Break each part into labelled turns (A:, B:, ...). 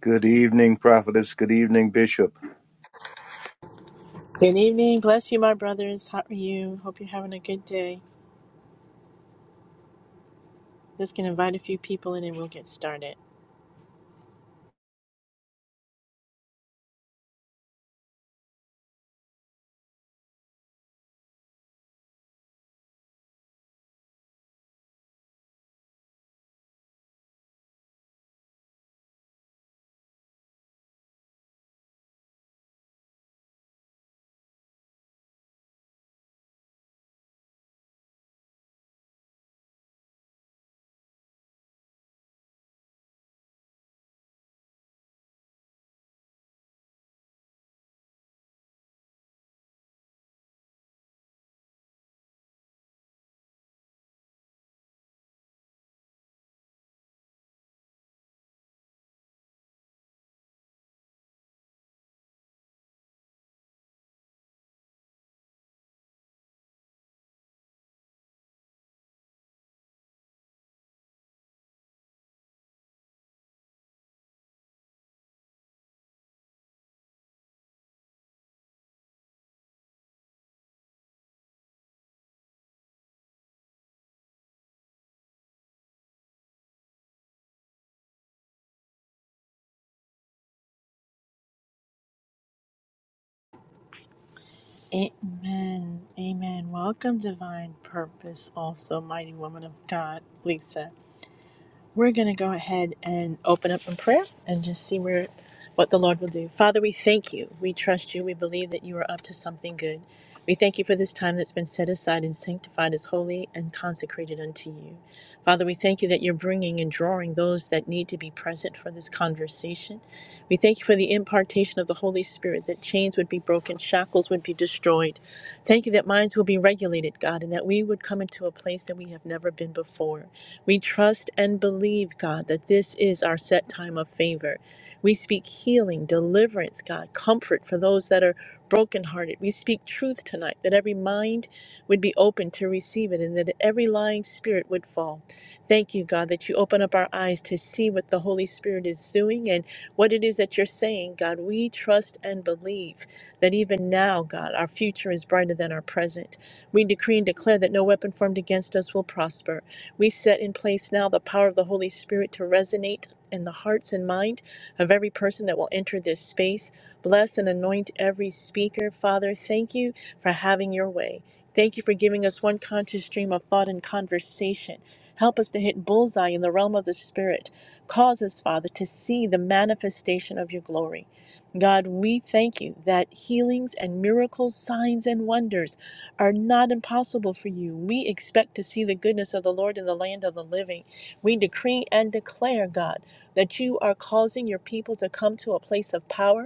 A: Good evening, prophetess. Good evening, bishop.
B: Good evening. Bless you, my brothers. How are you? Hope you're having a good day. Just gonna invite a few people in and we'll get started. Amen. Amen. Welcome, Divine Purpose, also mighty woman of God, Lisa. We're going to go ahead and open up in prayer and just see where what the Lord will do. Father, we thank you. We trust you. We believe that you are up to something good. We thank you for this time that's been set aside and sanctified as holy and consecrated unto you. Father, we thank you that you're bringing and drawing those that need to be present for this conversation. We thank you for the impartation of the Holy Spirit, that chains would be broken, shackles would be destroyed. Thank you that minds will be regulated, God, and that we would come into a place that we have never been before. We trust and believe, God, that this is our set time of favor. We speak healing, deliverance, God, comfort for those that are brokenhearted. We speak truth tonight, that every mind would be open to receive it and that every lying spirit would fall. Thank you, God, that you open up our eyes to see what the Holy Spirit is doing and what it is that you're saying, God. We trust and believe that even now, God, our future is brighter than our present. We decree and declare that no weapon formed against us will prosper we set in place now the power of the Holy Spirit to resonate in the hearts and mind of every person that will enter this space. Bless and anoint every speaker. Father, thank you for having your way. Thank you for giving us one conscious stream of thought and conversation. Help us to hit bullseye in the realm of the Spirit. Cause us, Father, to see the manifestation of your glory. God, we thank you that healings and miracles, signs and wonders are not impossible for you. We expect to see the goodness of the Lord in the land of the living. We decree and declare, God, that you are causing your people to come to a place of power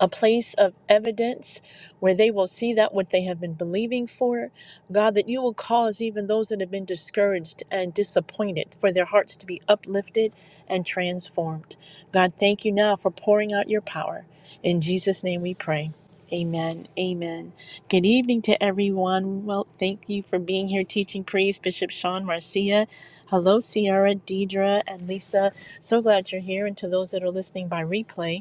B: a place of evidence where they will see that what they have been believing for. God, that you will cause even those that have been discouraged and disappointed for their hearts to be uplifted and transformed. God, thank you now for pouring out your power. In Jesus' name we pray. Amen. Amen. Good evening to everyone. Well, thank you for being here teaching priest, Bishop Sean Marcia. Hello, Sierra, Deidre, and Lisa. So glad you're here. And to those that are listening by replay,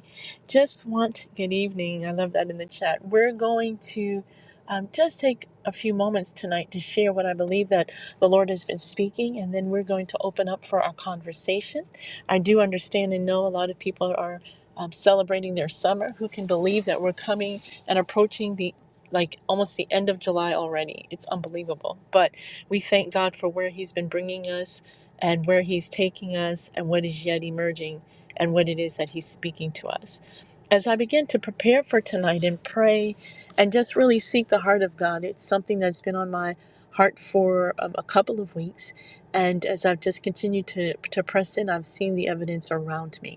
B: just want good evening. I love that in the chat. We're going to um, just take a few moments tonight to share what I believe that the Lord has been speaking, and then we're going to open up for our conversation. I do understand and know a lot of people are um, celebrating their summer. Who can believe that we're coming and approaching the like almost the end of July already? It's unbelievable. But we thank God for where He's been bringing us and where He's taking us and what is yet emerging and what it is that He's speaking to us as I begin to prepare for tonight and pray and just really seek the heart of God, it's something that's been on my heart for um, a couple of weeks. And as I've just continued to, to press in, I've seen the evidence around me.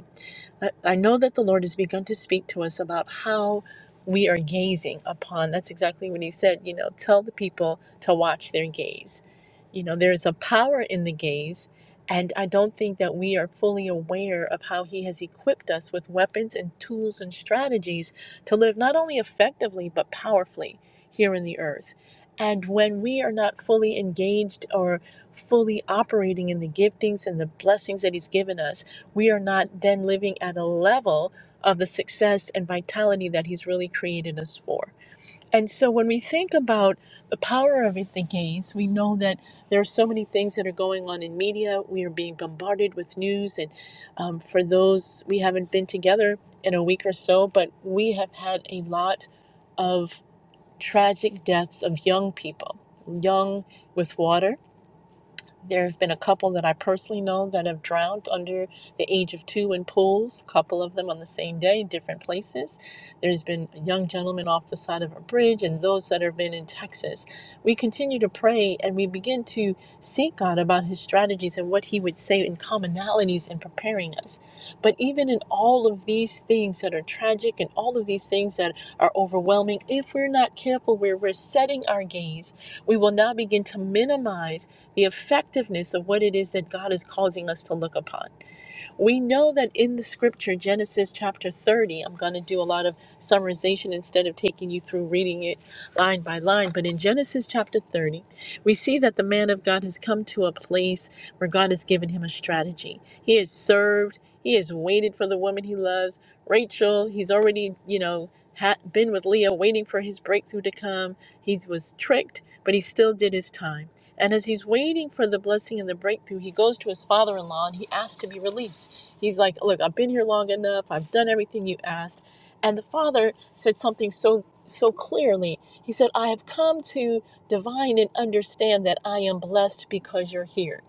B: I I know that the Lord has begun to speak to us about how we are gazing upon. That's exactly what He said. You know, tell the people to watch their gaze. You know, there's a power in the gaze. And I don't think that we are fully aware of how He has equipped us with weapons and tools and strategies to live not only effectively, but powerfully here in the earth. And when we are not fully engaged or fully operating in the giftings and the blessings that He's given us, we are not then living at a level of the success and vitality that he's really created us for. And so when we think about the power of it, the gaze, we know that there are so many things that are going on in media. We are being bombarded with news. And um, for those, we haven't been together in a week or so, but we have had a lot of tragic deaths of young people, young with water there have been a couple that I personally know that have drowned under the age of two in pools, a couple of them on the same day, different places. There's been a young gentleman off the side of a bridge, and those that have been in Texas. We continue to pray and we begin to seek God about his strategies and what he would say in commonalities in preparing us. But even in all of these things that are tragic and all of these things that are overwhelming, if we're not careful where we're setting our gaze, we will now begin to minimize the effectiveness of what it is that God is causing us to look upon. We know that in the scripture, Genesis chapter 30, I'm going to do a lot of summarization instead of taking you through reading it line by line. But in Genesis chapter 30, we see that the man of God has come to a place where God has given him a strategy. He has served, he has waited for the woman he loves, Rachel. He's already, you know, had been with Leah waiting for his breakthrough to come. He was tricked, but he still did his time. And as he's waiting for the blessing and the breakthrough, he goes to his father in law and he asks to be released. He's like, Look, I've been here long enough. I've done everything you asked. And the father said something so, so clearly. He said, I have come to divine and understand that I am blessed because you're here.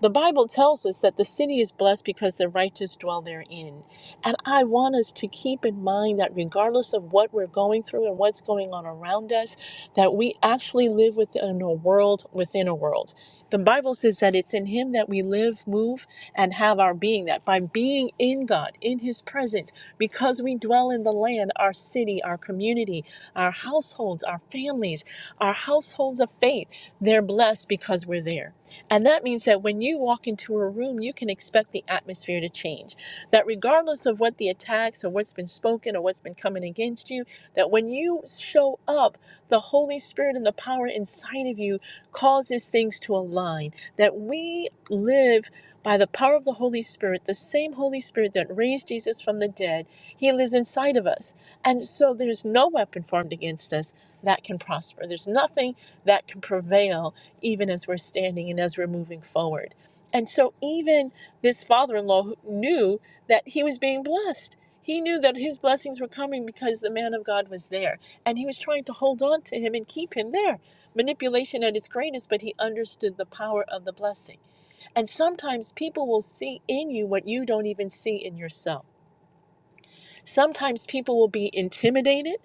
B: The Bible tells us that the city is blessed because the righteous dwell therein. And I want us to keep in mind that regardless of what we're going through and what's going on around us, that we actually live within a world within a world. The Bible says that it's in Him that we live, move, and have our being. That by being in God, in His presence, because we dwell in the land, our city, our community, our households, our families, our households of faith, they're blessed because we're there. And that means that when you walk into a room, you can expect the atmosphere to change that regardless of what the attacks or what's been spoken or what's been coming against you, that when you show up, the Holy Spirit and the power inside of you causes things to align. That we live by the power of the Holy Spirit, the same Holy Spirit that raised Jesus from the dead, He lives inside of us. And so there's no weapon formed against us that can prosper. There's nothing that can prevail even as we're standing and as we're moving forward. And so even this father-in-law who- knew that he was being blessed. He knew that his blessings were coming because the man of God was there, and he was trying to hold on to him and keep him there. Manipulation at its greatest, but he understood the power of the blessing. And sometimes people will see in you what you don't even see in yourself. Sometimes people will be intimidated,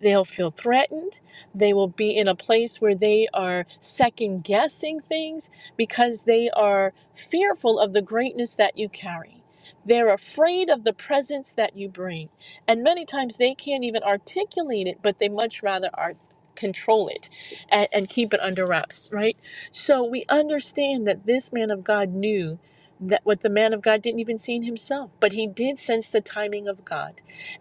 B: they'll feel threatened, they will be in a place where they are second guessing things because they are fearful of the greatness that you carry. They're afraid of the presence that you bring. And many times they can't even articulate it, but they much rather are control it and, and keep it under wraps, right? So we understand that this man of God knew that what the man of God didn't even see in himself, but he did sense the timing of God.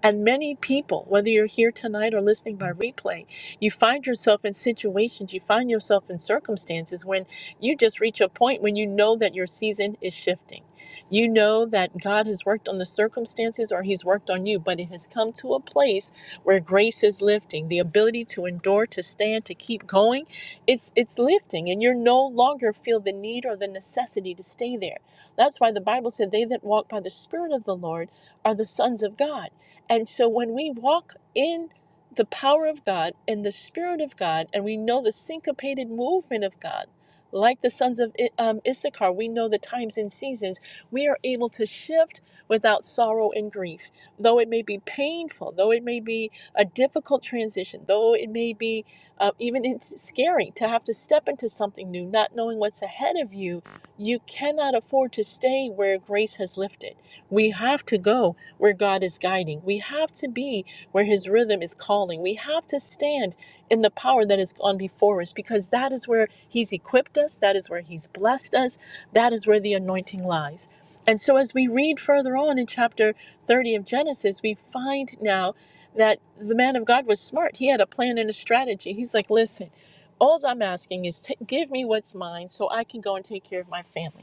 B: And many people, whether you're here tonight or listening by replay, you find yourself in situations, you find yourself in circumstances when you just reach a point when you know that your season is shifting. You know that God has worked on the circumstances or He's worked on you, but it has come to a place where grace is lifting. The ability to endure, to stand, to keep going, it's it's lifting, and you're no longer feel the need or the necessity to stay there. That's why the Bible said, They that walk by the Spirit of the Lord are the sons of God. And so when we walk in the power of God and the Spirit of God, and we know the syncopated movement of God, like the sons of I- um, Issachar, we know the times and seasons. We are able to shift without sorrow and grief. Though it may be painful, though it may be a difficult transition, though it may be uh, even it's scary to have to step into something new, not knowing what's ahead of you, you cannot afford to stay where grace has lifted. We have to go where God is guiding. We have to be where His rhythm is calling. We have to stand in the power that has gone before us because that is where He's equipped us, that is where He's blessed us, that is where the anointing lies. And so, as we read further on in chapter 30 of Genesis, we find now that the man of God was smart. He had a plan and a strategy. He's like, listen, all I'm asking is t- give me what's mine so I can go and take care of my family.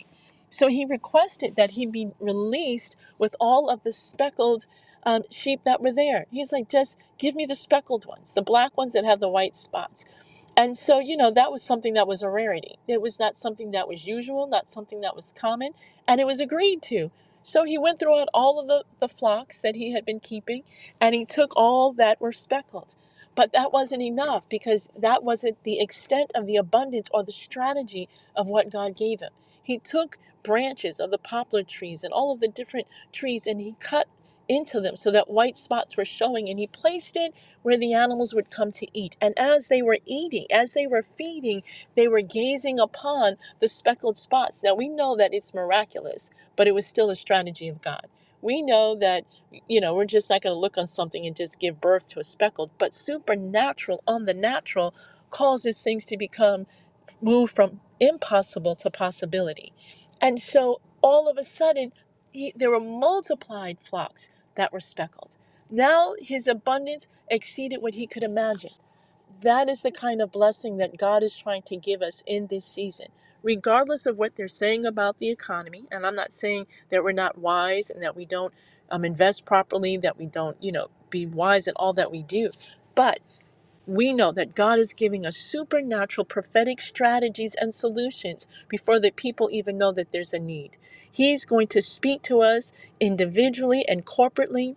B: So he requested that he be released with all of the speckled um, sheep that were there. He's like, just give me the speckled ones, the black ones that have the white spots. And so, you know, that was something that was a rarity. It was not something that was usual, not something that was common, and it was agreed to. So he went throughout all of the, the flocks that he had been keeping and he took all that were speckled. But that wasn't enough because that wasn't the extent of the abundance or the strategy of what God gave him. He took branches of the poplar trees and all of the different trees, and he cut into them so that white spots were showing, and he placed it where the animals would come to eat. And as they were eating, as they were feeding, they were gazing upon the speckled spots. Now we know that it's miraculous, but it was still a strategy of God. We know that, you know, we're just not going to look on something and just give birth to a speckled, but supernatural on the natural causes things to become moved from impossible to possibility. And so all of a sudden, he, there were multiplied flocks that were speckled. Now his abundance exceeded what he could imagine. That is the kind of blessing that God is trying to give us in this season. Regardless of what they're saying about the economy, and I'm not saying that we're not wise and that we don't um, invest properly, that we don't, you know, be wise in all that we do. but we know that God is giving us supernatural prophetic strategies and solutions before the people even know that there's a need. He's going to speak to us individually and corporately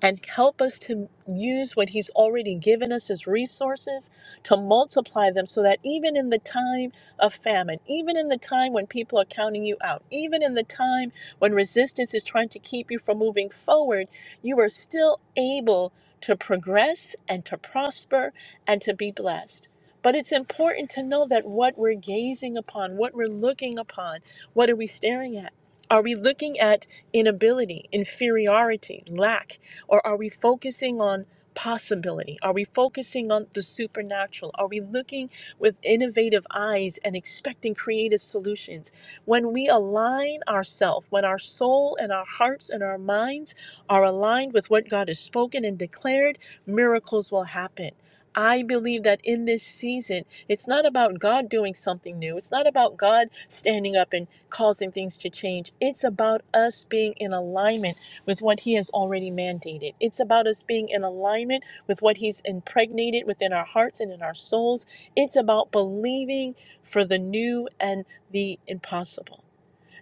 B: and help us to use what He's already given us as resources to multiply them so that even in the time of famine, even in the time when people are counting you out, even in the time when resistance is trying to keep you from moving forward, you are still able to progress and to prosper and to be blessed. But it's important to know that what we're gazing upon, what we're looking upon, what are we staring at? Are we looking at inability, inferiority, lack? Or are we focusing on possibility? Are we focusing on the supernatural? Are we looking with innovative eyes and expecting creative solutions? When we align ourselves, when our soul and our hearts and our minds are aligned with what God has spoken and declared, miracles will happen. I believe that in this season, it's not about God doing something new. It's not about God standing up and causing things to change. It's about us being in alignment with what He has already mandated. It's about us being in alignment with what He's impregnated within our hearts and in our souls. It's about believing for the new and the impossible.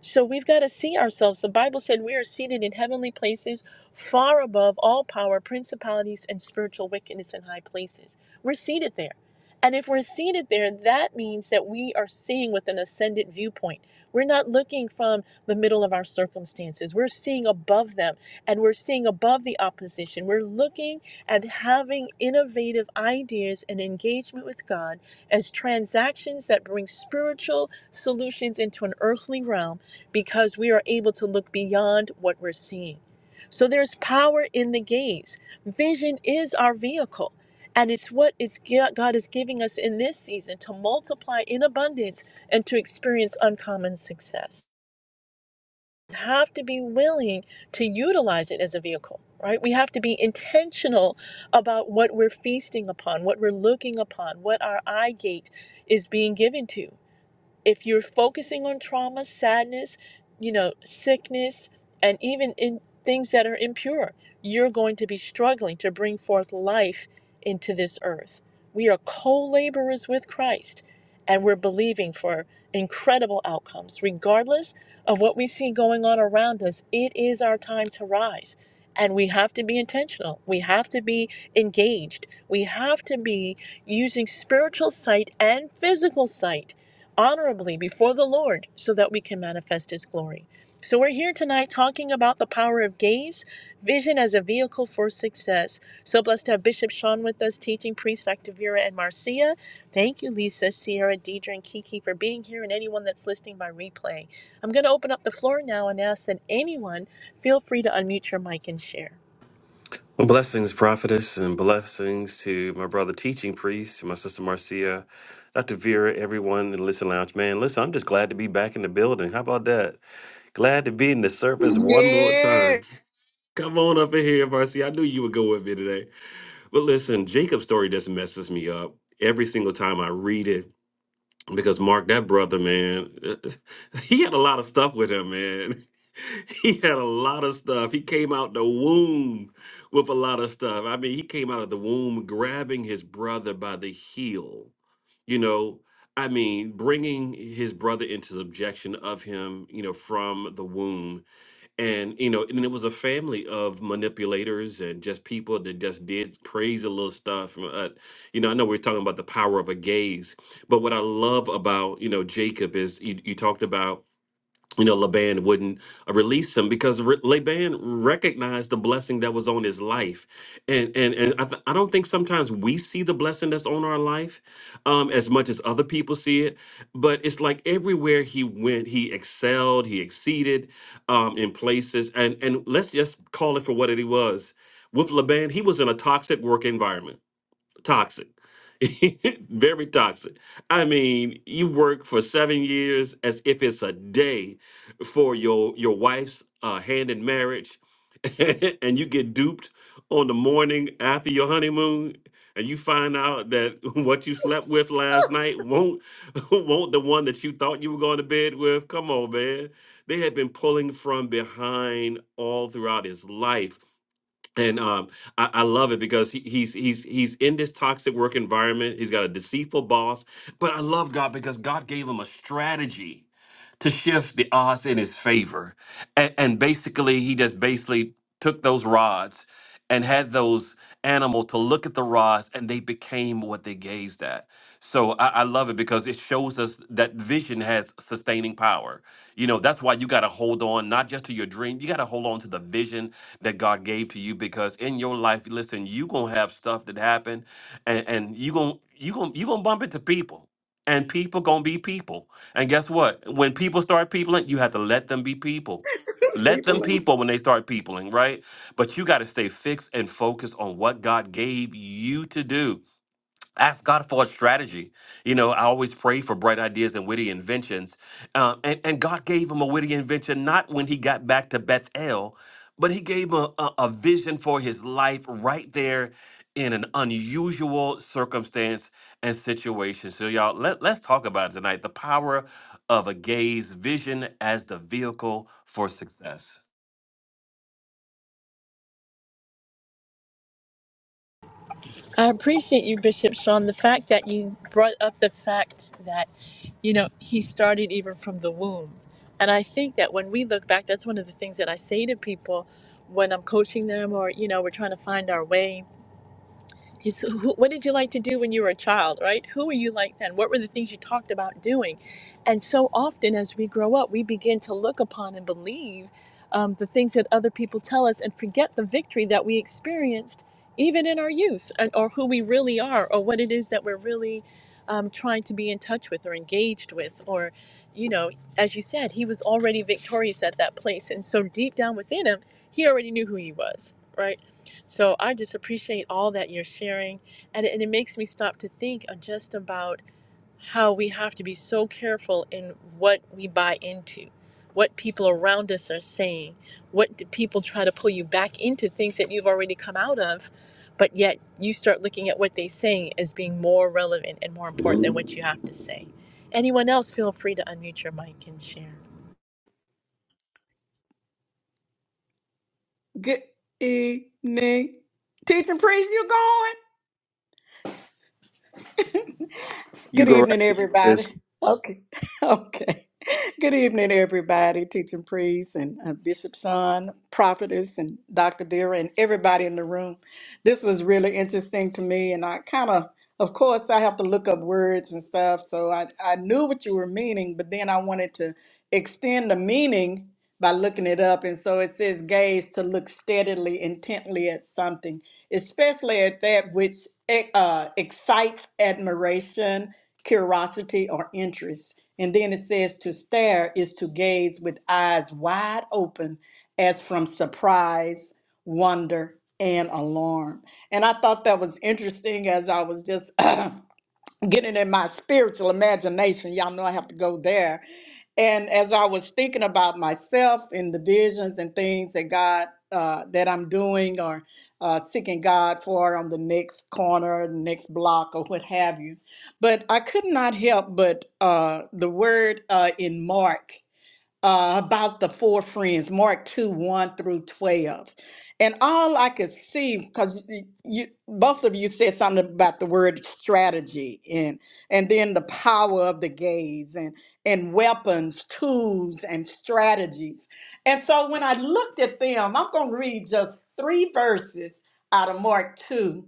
B: So we've got to see ourselves. The Bible said we are seated in heavenly places, far above all power, principalities, and spiritual wickedness in high places. We're seated there. And if we're seated there, that means that we are seeing with an ascendant viewpoint. We're not looking from the middle of our circumstances. We're seeing above them and we're seeing above the opposition. We're looking at having innovative ideas and engagement with God as transactions that bring spiritual solutions into an earthly realm because we are able to look beyond what we're seeing. So there's power in the gaze. Vision is our vehicle. And it's what it's, God is giving us in this season to multiply in abundance and to experience uncommon success. We have to be willing to utilize it as a vehicle, right? We have to be intentional about what we're feasting upon, what we're looking upon, what our eye gate is being given to if you're focusing on trauma, sadness, you know, sickness, and even in things that are impure, you're going to be struggling to bring forth life into this earth. We are co laborers with Christ, and we're believing for incredible outcomes. Regardless of what we see going on around us, it is our time to rise. And we have to be intentional. We have to be engaged. We have to be using spiritual sight and physical sight honorably before the Lord so that we can manifest His glory. So, we're here tonight talking about the power of gaze, vision as a vehicle for success. So blessed to have Bishop Sean with us, teaching priest Dr. Vera and Marcia. Thank you, Lisa, Sierra, Deidre, and Kiki for being here, and anyone that's listening by replay. I'm going to open up the floor now and ask that anyone feel free to unmute your mic and share.
C: Well, Blessings, prophetess, and blessings to my brother, teaching priest, to my sister Marcia, Dr. Vera, everyone in the Listen Lounge. Man, listen, I'm just glad to be back in the building. How about that? Glad to be in the service one more
D: Yeah.
C: time. Come on up in here, Marcia. I knew you would go with me today. But listen, Jacob's story just messes me up every single time I read it because Mark, that brother, man, he had a lot of stuff with him, man. He had a lot of stuff. He came out the womb with a lot of stuff. I mean, he came out of the womb grabbing his brother by the heel, you know. I mean, bringing his brother into subjection of him, you know, from the womb and you know and it was a family of manipulators and just people that just did crazy little stuff and, uh, you know i know we're talking about the power of a gaze but what i love about you know jacob is you, you talked about you know, Laban wouldn't uh, release him because Re- Laban recognized the blessing that was on his life, and and and I, th- I don't think sometimes we see the blessing that's on our life um, as much as other people see it, but it's like everywhere he went, he excelled, he exceeded um, in places, and and let's just call it for what it was. With Laban, he was in a toxic work environment toxic. Very toxic. I mean, you work for seven years as if it's a day for your your wife's uh, hand in marriage, and you get duped on the morning after your honeymoon, and you find out that what you slept with last night won't won't the one that you thought you were going to bed with. Come on, man. They had been pulling from behind all throughout his life and um, I, I love it because he, he's he's he's in this toxic work environment. He's got a deceitful boss, but I love God because God gave him a strategy to shift the odds in his favor, and, and basically he just basically took those rods and had those animal to look at the rods, and they became what they gazed at. So I, I love it because it shows us that vision has sustaining power. You know that's why you got to hold on not just to your dream, you got to hold on to the vision that God gave to you because in your life, listen, you gonna have stuff that happen, and and you gonna you gonna you gonna bump into people, and people gonna be people. And guess what? When people start peopling, you have to let them be people. Let them
D: People in.
C: people when they start peopling, right? But you got to stay fixed and focused on what God gave you to do ask God for a strategy. You know, I always pray for bright ideas and witty inventions. Uh, and, and God gave him a witty invention, not when he got back to Bethel, but he gave him a, a, vision for his life right there in an unusual circumstance and situation. So, y'all, let, let's talk about it tonight the power of a gaze vision as the vehicle for success.
B: I appreciate you, Bishop Sean. The fact that you brought up the fact that, you know, he started even from the womb. And I think that when we look back, that's one of the things that I say to people when I'm coaching them or, you know, we're trying to find our way. It's who, what did you like to do when you were a child, right? Who were you like then? What were the things you talked about doing? And so often, as we grow up, we begin to look upon and believe um, the things that other people tell us and forget the victory that we experienced even in our youth and, or who we really are or what it is that we're really um, trying to be in touch with or engaged with. Or, you know, as you said, he was already victorious at that place. And so deep down within him, he already knew who he was, right? So I just appreciate all that you're sharing. And, and it makes me stop to think of just about how we have to be so careful in what we buy into, what people around us are saying, what do people try to pull you back into things that you've already come out of, but yet you start looking at what they're saying as being more relevant and more important than what you have to say. Anyone else, feel free to unmute your mic and share.
D: Good evening. Teacher priest, you going?
A: You
D: Good
A: go right
D: evening,
A: ahead. sis.
D: everybody. Okay, okay. Good evening, everybody. Teaching priest and uh, Bishop Sean, prophetess, and Dr. Vera, and everybody in the room. This was really interesting to me, and I kind of, of course, I have to look up words and stuff. So I, I knew what you were meaning, but then I wanted to extend the meaning by looking it up. And so it says gaze to look steadily, intently at something especially at that which eh, uh, excites admiration, curiosity, or interest. And then it says to stare is to gaze with eyes wide open as from surprise, wonder, and alarm. And I thought that was interesting as I was just getting in my spiritual imagination. Y'all know I have to go there. And as I was thinking about myself and the visions and things that God, uh, that I'm doing or uh, seeking God for on the next corner, the next block, or what have you. But I could not help but uh, the word uh, in Mark uh, about the four friends, Mark 2 1 through 12. And all I could see, because you, both of you said something about the word strategy and and then the power of the gaze and and weapons, tools, and strategies. And so when I looked at them, I'm gonna read just three verses out of Mark 2,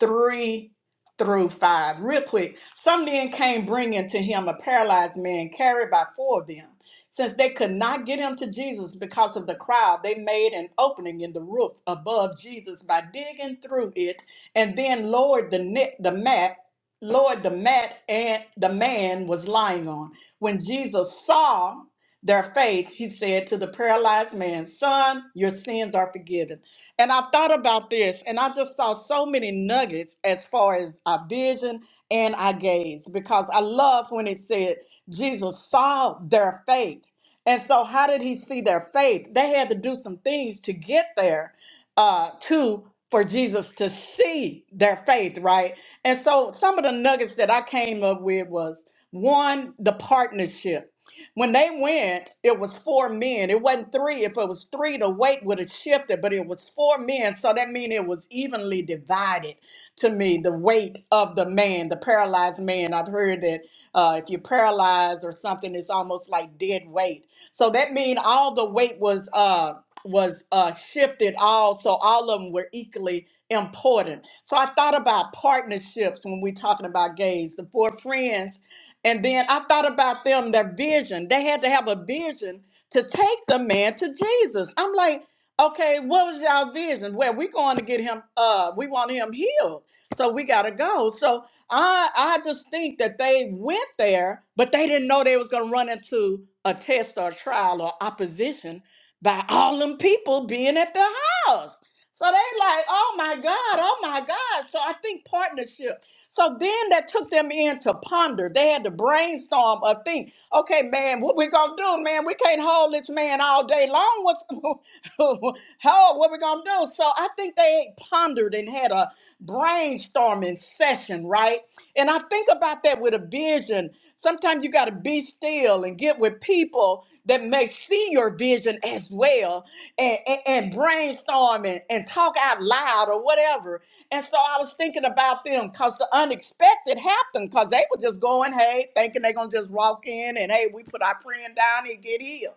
D: 3 through 5. Real quick. Some men came bringing to him a paralyzed man carried by four of them. Since they could not get him to Jesus because of the crowd, they made an opening in the roof above Jesus by digging through it and then lowered the net, the mat, lowered the mat and the man was lying on. When Jesus saw their faith, he said to the paralyzed man, Son, your sins are forgiven. And I thought about this and I just saw so many nuggets as far as our vision and our gaze because I love when it said Jesus saw their faith. And so, how did he see their faith? They had to do some things to get there uh to for Jesus to see their faith, right? And so some of the nuggets that I came up with was one, the partnership. When they went, it was four men. It wasn't three. If it was three, the weight would have shifted, but it was four men. So that means it was evenly divided to me, the weight of the man, the paralyzed man. I've heard that uh, if you're paralyzed or something, it's almost like dead weight. So that means all the weight was. Uh, was uh, shifted all so all of them were equally important so i thought about partnerships when we're talking about gays the four friends and then i thought about them their vision they had to have a vision to take the man to jesus i'm like okay what was y'all vision well we going to get him uh we want him healed so we gotta go so i i just think that they went there but they didn't know they was gonna run into a test or a trial or opposition by all them people being at the house. So they like, oh my God, oh my God. So I think partnership. So then that took them in to ponder. They had to brainstorm a thing. Okay, man, what we gonna do, man? We can't hold this man all day long. What's how what we gonna do? So I think they pondered and had a brainstorming session, right? And I think about that with a vision Sometimes you got to be still and get with people that may see your vision as well and, and, and brainstorm and, and talk out loud or whatever. And so I was thinking about them because the unexpected happened because they were just going, hey, thinking they're going to just walk in and, hey, we put our friend down and get healed.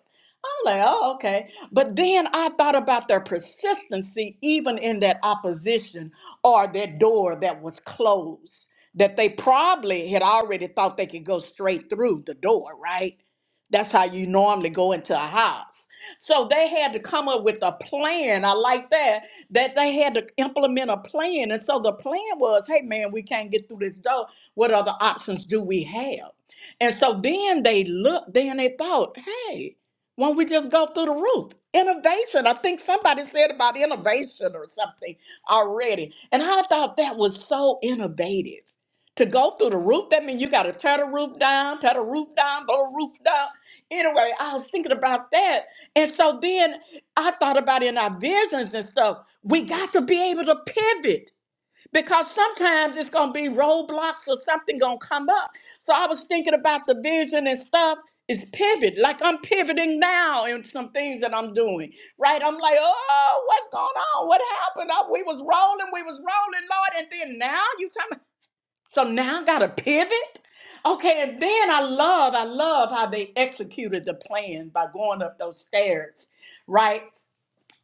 D: I'm like, oh, okay. But then I thought about their persistency, even in that opposition or that door that was closed, that they probably had already thought they could go straight through the door, right? That's how you normally go into a house. So they had to come up with a plan. I like that, that they had to implement a plan. And so the plan was hey, man, we can't get through this door. What other options do we have? And so then they looked, then they thought, hey, when we just go through the roof. Innovation. I think somebody said about innovation or something already. And I thought that was so innovative. To go through the roof, that means you got to tear the roof down, tear the roof down, blow the roof down. Anyway, I was thinking about that. And so then I thought about in our visions and stuff, we got to be able to pivot because sometimes it's gonna be roadblocks or something gonna come up. So I was thinking about the vision and stuff. Is pivot like I'm pivoting now in some things that I'm doing, right? I'm like, oh, what's going on? What happened? Oh, we was rolling, we was rolling, Lord, and then now you come. So now I gotta pivot. Okay, and then I love, I love how they executed the plan by going up those stairs, right?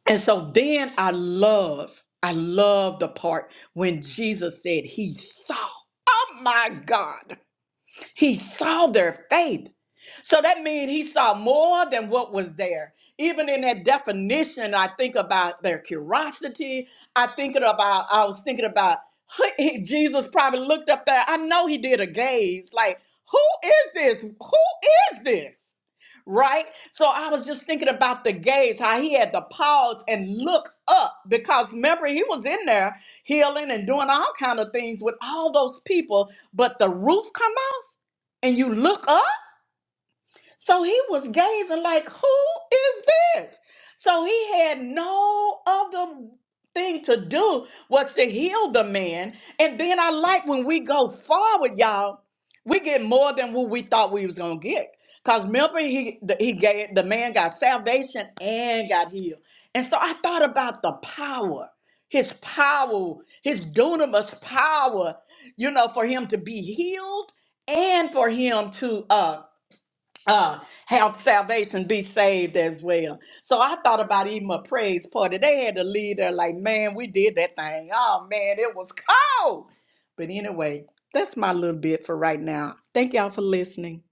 D: And so then I love, I love the part when Jesus said he saw. Oh my God. He saw their faith. So that means he saw more than what was there. Even in that definition, I think about their curiosity. I thinking about, I was thinking about he- Jesus probably looked up there. I know he did a gaze, like, who is this? Who is this? Right? So I was just thinking about the gaze, how he had to pause and look up because remember he was in there healing and doing all kind of things with all those people, but the roof come and you look up so he was gazing like, who is this? So he had no other thing to do was to heal the man. And then I like when we go forward, y'all, we get more than what we thought we was gonna get. Cause remember, he the, he gave the man got salvation and got healed. And so I thought about the power, his power, his dunamis power, you know, for him to be healed and for him to uh uh, have salvation, be saved as well. So I thought about even a praise party. They had a leader like, man, we did that thing. Oh man, it was cold. But anyway, that's my little bit for right now. Thank y'all for listening.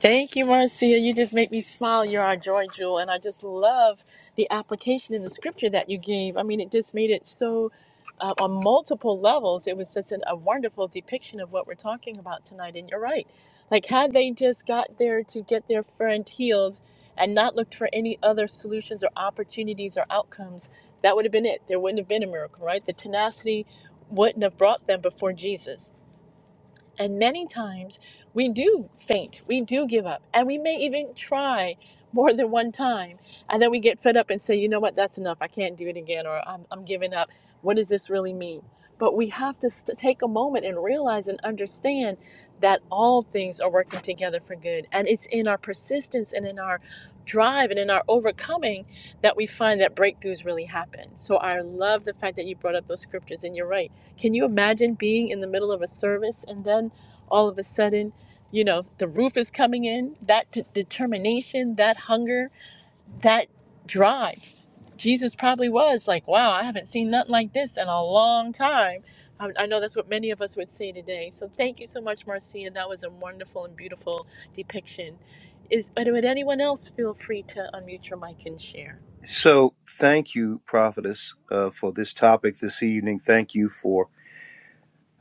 B: Thank you, Marcia. You just make me smile. You're our joy jewel. And I just love the application in the scripture that you gave. I mean, it just made it so, uh, on multiple levels, it was just an, a wonderful depiction of what we're talking about tonight. And you're right. Like, had they just got there to get their friend healed and not looked for any other solutions or opportunities or outcomes, that would have been it. There wouldn't have been a miracle, right? The tenacity wouldn't have brought them before Jesus. And many times we do faint, we do give up, and we may even try more than one time. And then we get fed up and say, you know what, that's enough. I can't do it again, or I'm, I'm giving up. What does this really mean? But we have to st- take a moment and realize and understand that all things are working together for good. And it's in our persistence and in our drive and in our overcoming that we find that breakthroughs really happen. So I love the fact that you brought up those scriptures and you're right. Can you imagine being in the middle of a service and then all of a sudden, you know, the roof is coming in, that t- determination, that hunger, that drive. Jesus probably was like, wow, I haven't seen nothing like this in a long time. I, I know that's what many of us would say today. So thank you so much, Marcia. That was a wonderful and beautiful depiction. Is but would anyone else feel free to unmute your mic and share?
A: So, thank you, prophetess, uh, for this topic this evening. Thank you for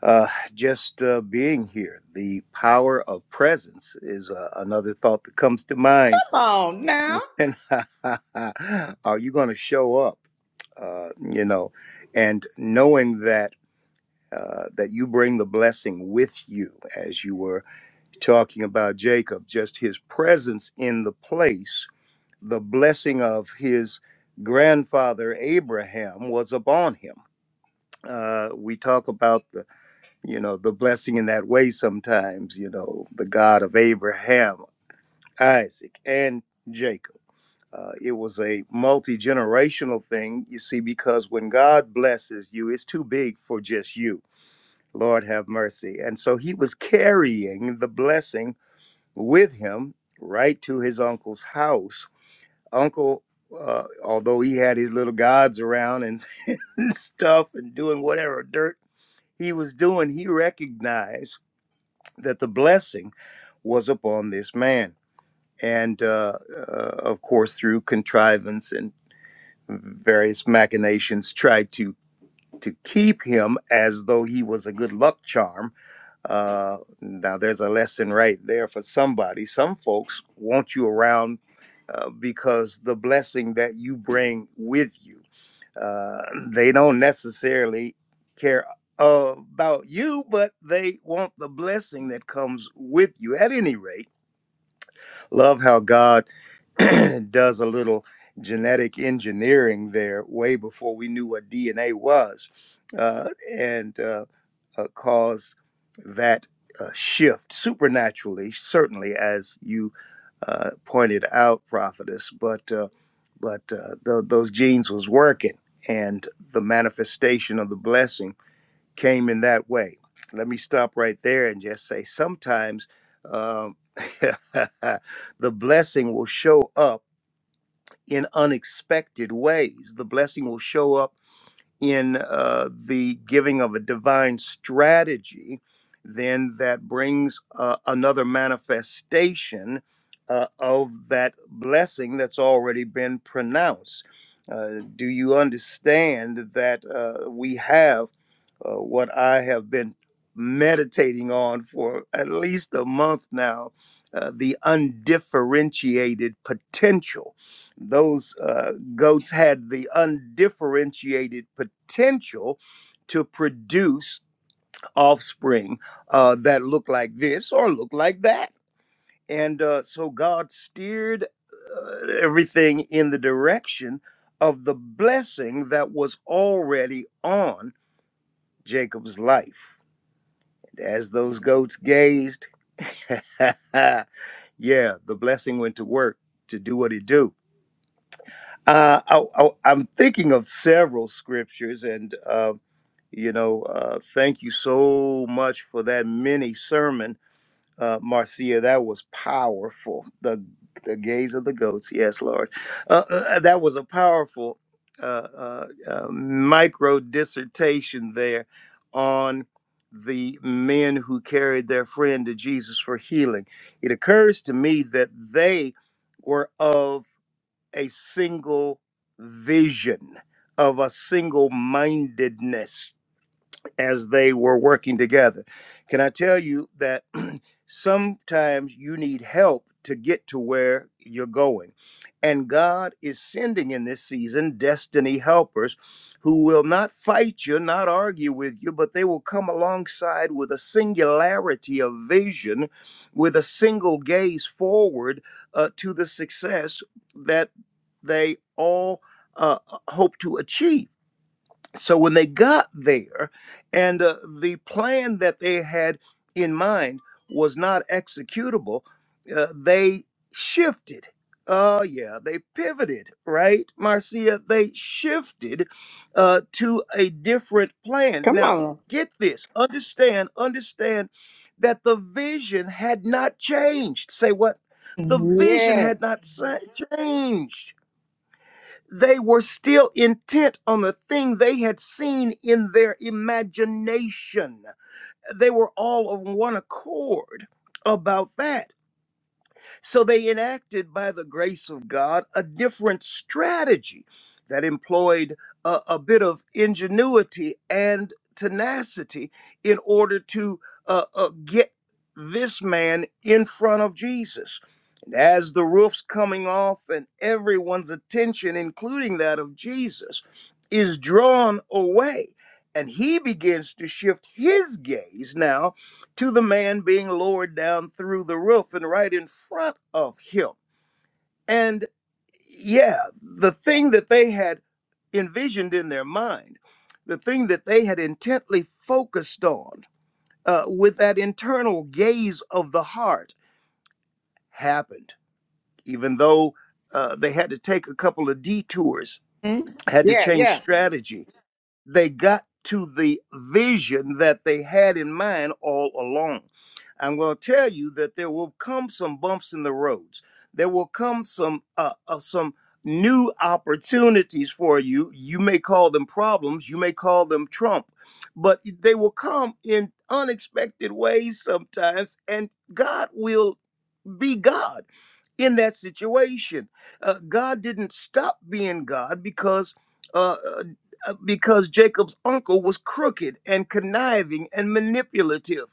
A: uh, just uh, being here. The power of presence is uh, another thought that comes to mind.
D: Come on now.
A: When are you going to show up? Uh, you know, and knowing that uh, that you bring the blessing with you, as you were talking about Jacob, just his presence in the place the blessing of his grandfather Abraham was upon him. Uh, we talk about the you know the blessing in that way sometimes. You know the God of Abraham, Isaac, and Jacob. Uh, it was a multi generational thing, you see, because when God blesses you, it's too big for just you. Lord have mercy. And so he was carrying the blessing with him right to his uncle's house uncle, uh, although he had his little gods around and, and stuff and doing whatever dirt he was doing, he recognized that the blessing was upon this man. And uh, uh, of course, through contrivance and various machinations, tried to to keep him as though he was a good luck charm uh, now, there's a lesson right there for somebody. Some folks want you around uh, because the blessing that you bring with you. Uh, they don't necessarily care uh, about you, but they want the blessing that comes with you. At any rate, love how God does a little genetic engineering there way before we knew what DNA was. Uh, and uh, uh, cause that uh, shift supernaturally, certainly, as you uh, pointed out, prophetess. But uh, but uh, tho- those genes was working, and the manifestation of the blessing came in that way. Let me stop right there and just say sometimes um, the blessing will show up in unexpected ways. The blessing will show up in uh, the giving of a divine strategy, then that brings uh, another manifestation uh, of that blessing that's already been pronounced. Uh, do you understand that uh, we have uh, what I have been meditating on for at least a month now? Uh, the undifferentiated potential those uh, goats had the undifferentiated potential to produce offspring uh, that looked like this or looked like that. And uh, so God steered uh, everything in the direction of the blessing that was already on Jacob's life. As those goats gazed, yeah, the blessing went to work to do what it do Uh, I, I, I'm thinking of several scriptures, and uh, you know, uh, thank you so much for that mini sermon, uh, Marcia. That was powerful. The the gaze of the goats, yes, Lord. Uh, uh, uh, that was a powerful uh, uh, uh, micro dissertation there on the men who carried their friend to Jesus for healing. It occurs to me that they were of a single vision, of a single mindedness as they were working together. Can I tell you that sometimes you need help to get to where you're going? And God is sending in this season destiny helpers who will not fight you, not argue with you, but they will come alongside with a singularity of vision, with a single gaze forward uh, to the success that they all uh, hope to achieve so when they got there and uh, the plan that they had in mind was not executable uh, they shifted oh yeah they pivoted right marcia they shifted uh, to a different plan
D: Come
A: now
D: on.
A: get this understand understand that the vision had not changed say what the vision
D: Yeah.
A: had not sa- changed they were still intent on the thing they had seen in their imagination. They were all on one accord about that. So they enacted, by the grace of God, a different strategy that employed a, a bit of ingenuity and tenacity in order to uh, uh, get this man in front of Jesus. And as the roof's coming off and everyone's attention, including that of Jesus, is drawn away, and he begins to shift his gaze now to the man being lowered down through the roof and right in front of him. And yeah, the thing that they had envisioned in their mind, the thing that they had intently focused on uh, with that internal gaze of the heart happened, even though uh, they had to take a couple of detours,
D: Mm.
A: had to
D: Yeah,
A: change
D: yeah.
A: strategy they got to the vision that they had in mind all along. I'm going to tell you that there will come some bumps in the roads. There will come some uh, uh, some new opportunities for you. You may call them problems. You may call them trump, but they will come in unexpected ways sometimes, and God will be God in that situation. Uh, God didn't stop being God because uh, uh, uh, because Jacob's uncle was crooked and conniving and manipulative.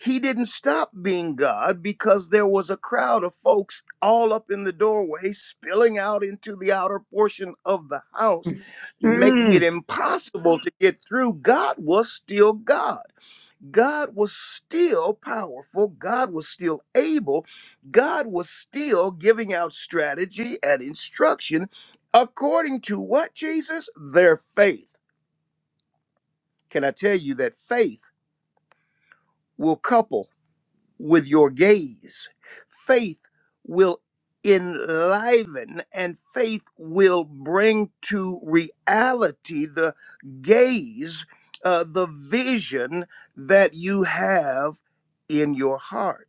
A: He didn't stop being God because there was a crowd of folks all up in the doorway, spilling out into the outer portion of the house, making it
D: Mm.
A: impossible to get through. God was still God. God was still powerful. God was still able. God was still giving out strategy and instruction according to what, Jesus? Their faith. Can I tell you that faith will couple with your gaze? Faith will enliven and faith will bring to reality the gaze, uh, the vision that you have in your heart.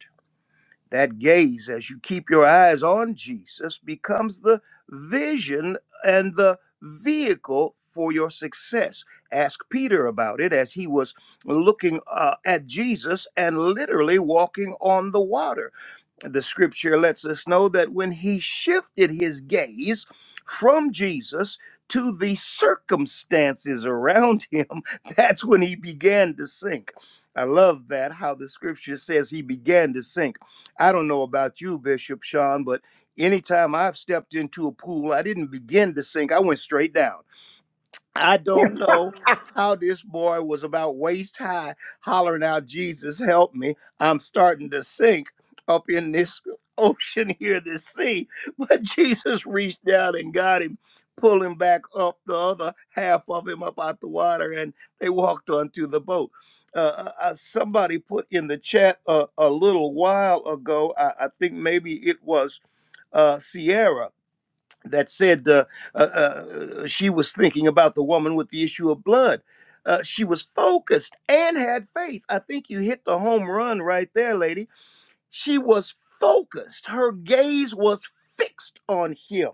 A: That gaze, as you keep your eyes on Jesus, becomes the vision and the vehicle for your success. Ask Peter about it as he was looking uh, at Jesus and literally walking on the water the scripture lets us know that when he shifted his gaze from Jesus to the circumstances around him, that's when he began to sink. I love that how the scripture says he began to sink. I don't know about you, Bishop Sean, but anytime I've stepped into a pool, I didn't begin to sink, I went straight down. I don't know how this boy was about waist high hollering out, Jesus, help me. I'm starting to sink up in this ocean here, this sea. But Jesus reached down and got him, pulling back up the other half of him up out the water, and they walked onto the boat. Uh, uh, uh, somebody put in the chat a, a little while ago, I, I think maybe it was uh, Sierra that said uh, uh, uh, she was thinking about the woman with the issue of blood. Uh, she was focused and had faith. I think you hit the home run right there, lady. She was focused, her gaze was fixed on him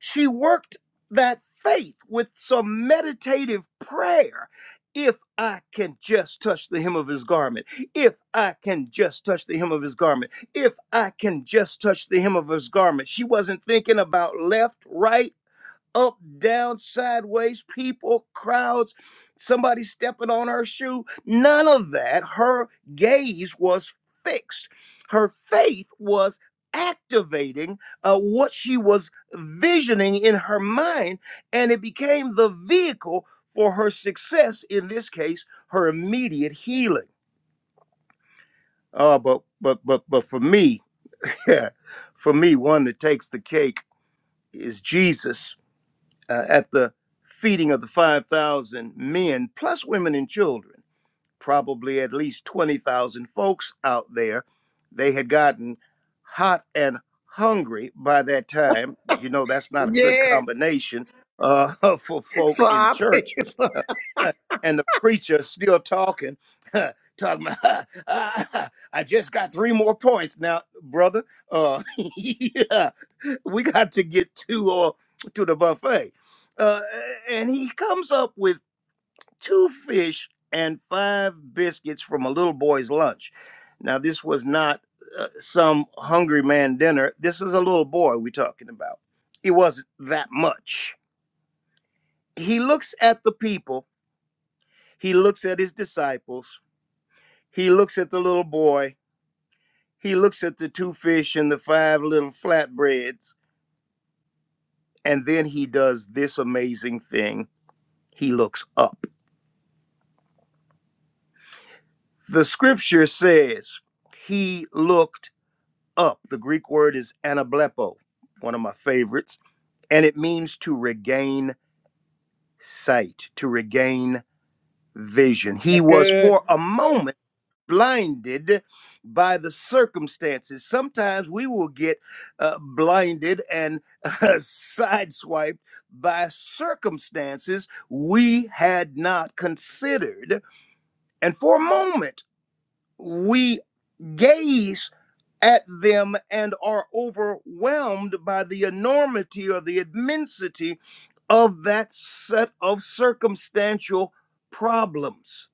A: she worked that faith with some meditative prayer. If I can just touch the hem of his garment, if I can just touch the hem of his garment, if I can just touch the hem of his garment. She wasn't thinking about left, right, up, down, sideways, people, crowds, somebody stepping on her shoe. None of that. Her gaze was fixed. Her faith was activating uh, what she was visioning in her mind, and it became the vehicle for her success, in this case, her immediate healing. Oh, but but but but for me, for me, one that takes the cake is Jesus uh, at the feeding of the 5,000 men, plus women and children, probably at least 20,000 folks out there. They had gotten hot and hungry by that time. You know, that's not a good
D: Yeah.
A: combination uh, for folk in
D: Floppy.
A: church. Uh, and the preacher still talking, talking about, I just got three more points. Now, brother, uh, yeah we got to get to or to the buffet uh, and he comes up with two fish and five biscuits from a little boy's lunch now this was not uh, some hungry man dinner this is a little boy we're talking about it wasn't that much he looks at the people he looks at his disciples he looks at the little boy he looks at the two fish and the five little flatbreads and then he does this amazing thing he looks up The scripture says he looked up. The Greek word is anablepo, one of my favorites, and it means to regain sight, to regain vision. He
D: That's
A: was
D: good.
A: for a moment blinded by the circumstances. Sometimes we will get uh, blinded and uh, sideswiped by circumstances we had not considered. And for a moment, we gaze. at them and are overwhelmed by the enormity or the immensity of that set of circumstantial problems.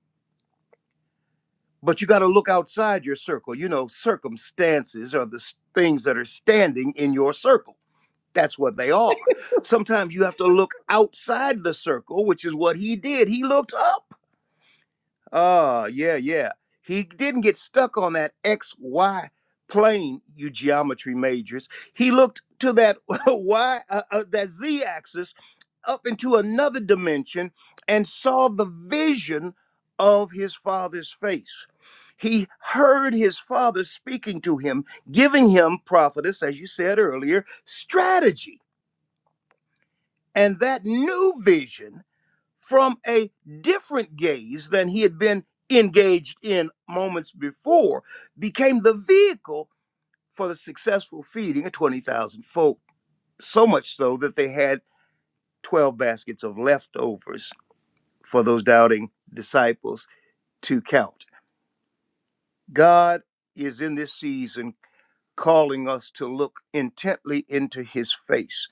A: But you got to look outside your circle. You know, circumstances are the s- things that are standing in your circle. That's what they are. Sometimes you have to look outside the circle, which is what he did. He looked up. Oh, yeah, yeah. He didn't get stuck on that XY plane, you geometry majors. He looked to that Y, uh, uh, that Z axis up into another dimension and saw the vision of his father's face. He heard his father speaking to him, giving him, prophetess, as you said earlier, strategy. And that new vision from a different gaze than he had been engaged in moments before, became the vehicle for the successful feeding of 20,000 folk. So much so that they had 12 baskets of leftovers for those doubting disciples to count. God is in this season calling us to look intently into his face,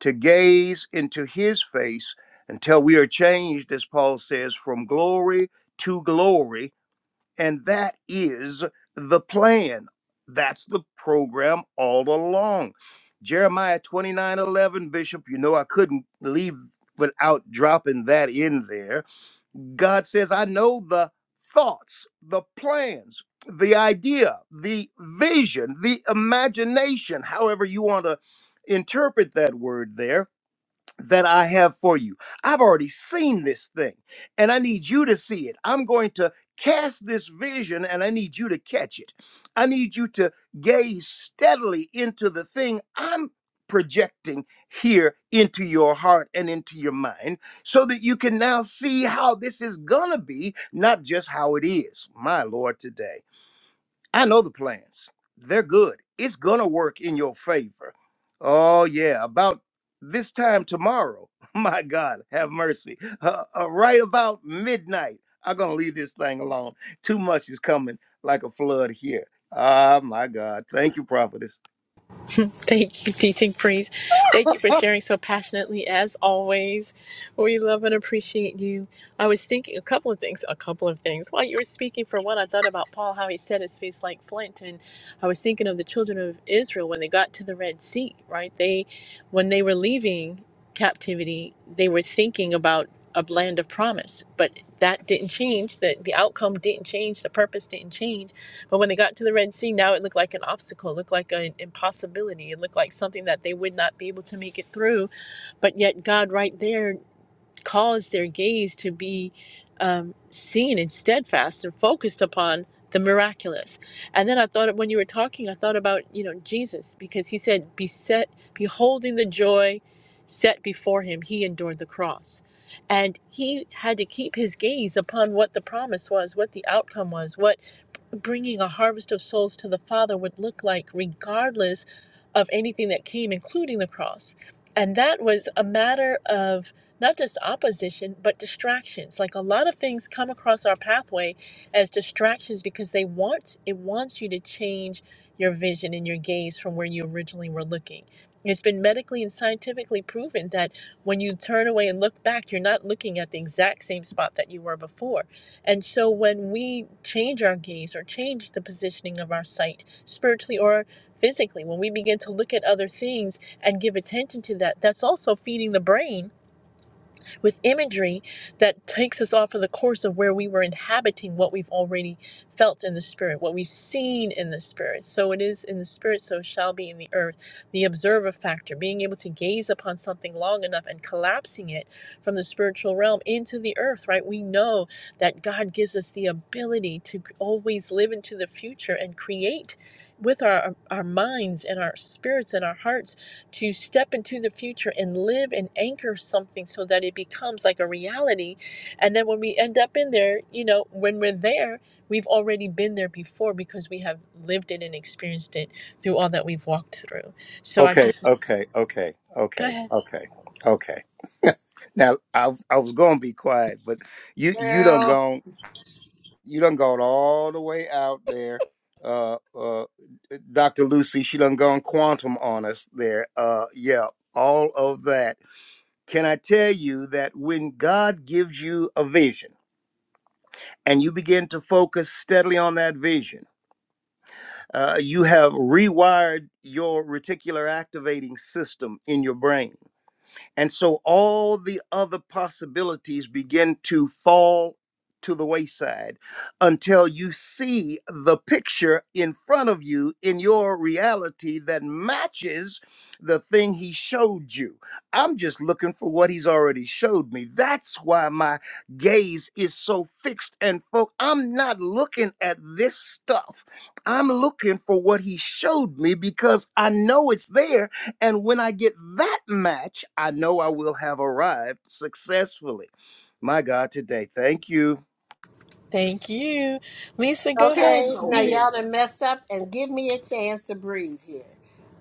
A: to gaze into his face until we are changed, as Paul says, from glory to glory And that is the plan. That's the program all along. Jeremiah 29 11, Bishop, you know I couldn't leave without dropping that in there. God says, I know the thoughts, the plans, the idea, the vision, the imagination, however you want to interpret that word there that I have for you. I've already seen this thing and I need you to see it. I'm going to cast this vision and I need you to catch it. I need you to gaze steadily into the thing I'm projecting here into your heart and into your mind so that you can now see how this is going to be, not just how it is. My Lord, today. I know the plans. They're good. It's going to work in your favor. Oh, yeah. About this time tomorrow, my God, have mercy. Uh, uh, right about midnight, I'm going to leave this thing alone. Too much is coming like a flood here. Ah, my God. Thank you, prophetess.
B: Thank you, teaching priest. Thank you for sharing so passionately as always. We love and appreciate you. I was thinking a couple of things, a couple of things. While you were speaking, for one, I thought about Paul, how he set his face like flint. And I was thinking of the children of Israel when they got to the Red Sea, right? They, when they were leaving captivity, they were thinking about a land of promise, but that didn't change. The, the outcome didn't change. The purpose didn't change but when they got to the Red Sea, now it looked like an obstacle, looked like an impossibility, it looked like something that they would not be able to make it through. But yet, God right there caused their gaze to be um, seen and steadfast and focused upon the miraculous. And then I thought, when you were talking, I thought about you know Jesus because he said, "Be set, beholding the joy set before him, he endured the cross." And he had to keep his gaze upon what the promise was, what the outcome was, what bringing a harvest of souls to the Father would look like, regardless of anything that came, including the cross. And that was a matter of not just opposition, but distractions. Like a lot of things come across our pathway as distractions because they want it wants you to change your vision and your gaze from where you originally were looking. It's been medically and scientifically proven that when you turn away and look back, you're not looking at the exact same spot that you were before and so when we change our gaze or change the positioning of our sight, spiritually or physically, when we begin to look at other things and give attention to that, that's also feeding the brain with imagery that takes us off of the course of where we were inhabiting what we've already felt in the spirit, what we've seen in the spirit. So it is in the spirit, so it shall be in the earth. The observer factor, being able to gaze upon something long enough and collapsing it from the spiritual realm into the earth, right? We know that God gives us the ability to always live into the future and create with our, our minds and our spirits and our hearts to step into the future and live and anchor something so that it becomes like a reality. And then when we end up in there, you know, when we're there, we've already been there before because we have lived it and experienced it through all that we've walked through. So I
A: Okay,
B: just
A: okay, okay,
B: go
A: okay,
B: ahead.
A: okay, okay. Now, I, I was going to be quiet, but you you done
E: Girl,
A: gone you done gone all the way out there. Uh, uh, Dr. Lucy, she done gone quantum on us there. Uh, yeah, all of that. Can I tell you that when God gives you a vision and you begin to focus steadily on that vision, uh, you have rewired your reticular activating system in your brain And so all the other possibilities begin to fall to the wayside until you see the picture in front of you in your reality that matches the thing he showed you. I'm just looking for what he's already showed me. That's why my gaze is so fixed and focused. I'm not looking at this stuff. I'm looking for what he showed me because I know it's there and when I get that match, I know I will have arrived successfully. My God, today, thank you.
B: Thank you. Lisa, go
E: okay,
B: ahead.
E: now
B: You,
E: y'all done messed up and give me a chance to breathe here.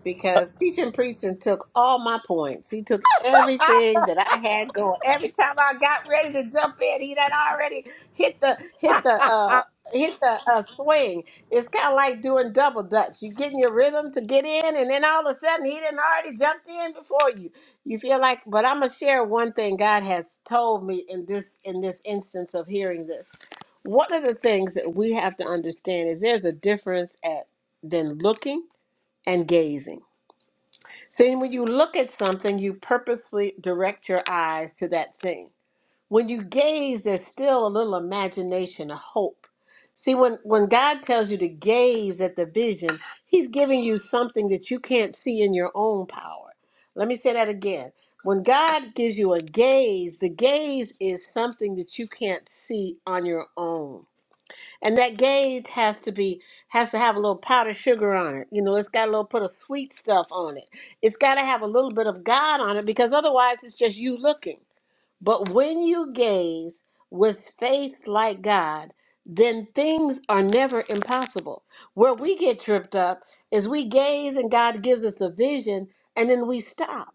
E: Because teaching preaching took all my points. He took everything that I had going. Every time I got ready to jump in, he done already hit the hit the uh hit the uh swing. It's kinda like doing double dutch. You getting your rhythm to get in and then all of a sudden he done already jumped in before you. You feel like but I'ma share one thing God has told me in this in this instance of hearing this one of the things that we have to understand is there's a difference at than looking and gazing. See, when you look at something, you purposefully direct your eyes to that thing. When you gaze, there's still a little imagination, a hope. See, when, when God tells you to gaze at the vision, He's giving you something that you can't see in your own power. Let me say that again. When God gives you a gaze, the gaze is something that you can't see on your own. And that gauge has to be has to have a little powdered sugar on it. You know, it's got a little put of sweet stuff on it. It's got to have a little bit of God on it because otherwise it's just you looking. But when you gaze with faith like God, then things are never impossible. Where we get tripped up is we gaze and God gives us the vision and then we stop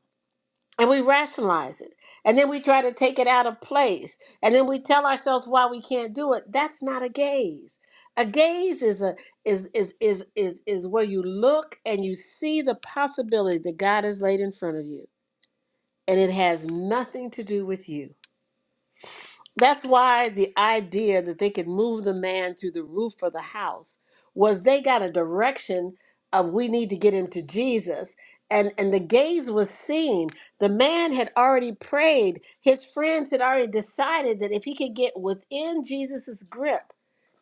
E: and we rationalize it and then we try to take it out of place and then we tell ourselves why we can't do it that's not a gaze a gaze is a is is is is, is where you look and you see the possibility that god has laid in front of you and it has nothing to do with you that's why the idea that they could move the man through the roof of the house was they got a direction of we need to get him to Jesus. And and the gaze was seen. The man had already prayed. His friends had already decided that if he could get within Jesus's grip,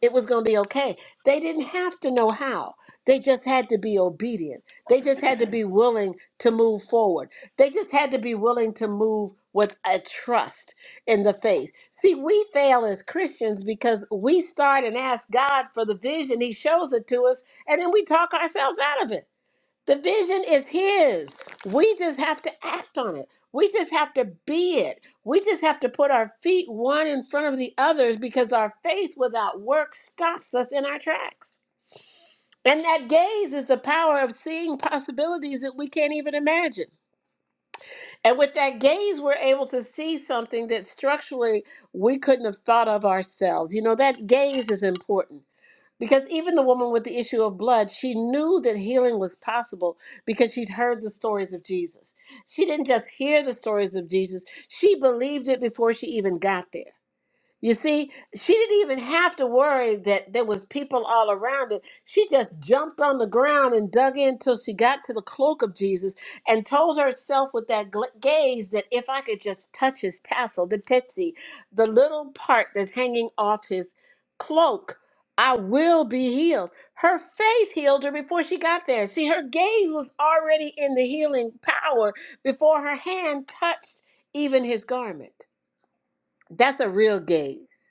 E: it was going to be okay. They didn't have to know how. They just had to be obedient. They just had to be willing to move forward. They just had to be willing to move with a trust in the faith. See, we fail as Christians because we start and ask God for the vision. He shows it to us, and then we talk ourselves out of it. The vision is His. We just have to act on it. We just have to be it. We just have to put our feet one in front of the others because our faith without work stops us in our tracks. And that gaze is the power of seeing possibilities that we can't even imagine. And with that gaze, we're able to see something that structurally we couldn't have thought of ourselves. You know, that gaze is important because even the woman with the issue of blood, she knew that healing was possible because she'd heard the stories of Jesus. She didn't just hear the stories of Jesus, she believed it before she even got there. You see, she didn't even have to worry that there was people all around it. She just jumped on the ground and dug in till she got to the cloak of Jesus and told herself with that gl- gaze that if I could just touch his tassel, the tetsi, the little part that's hanging off his cloak, I will be healed. Her faith healed her before she got there. See, her gaze was already in the healing power before her hand touched even his garment. That's a real gaze.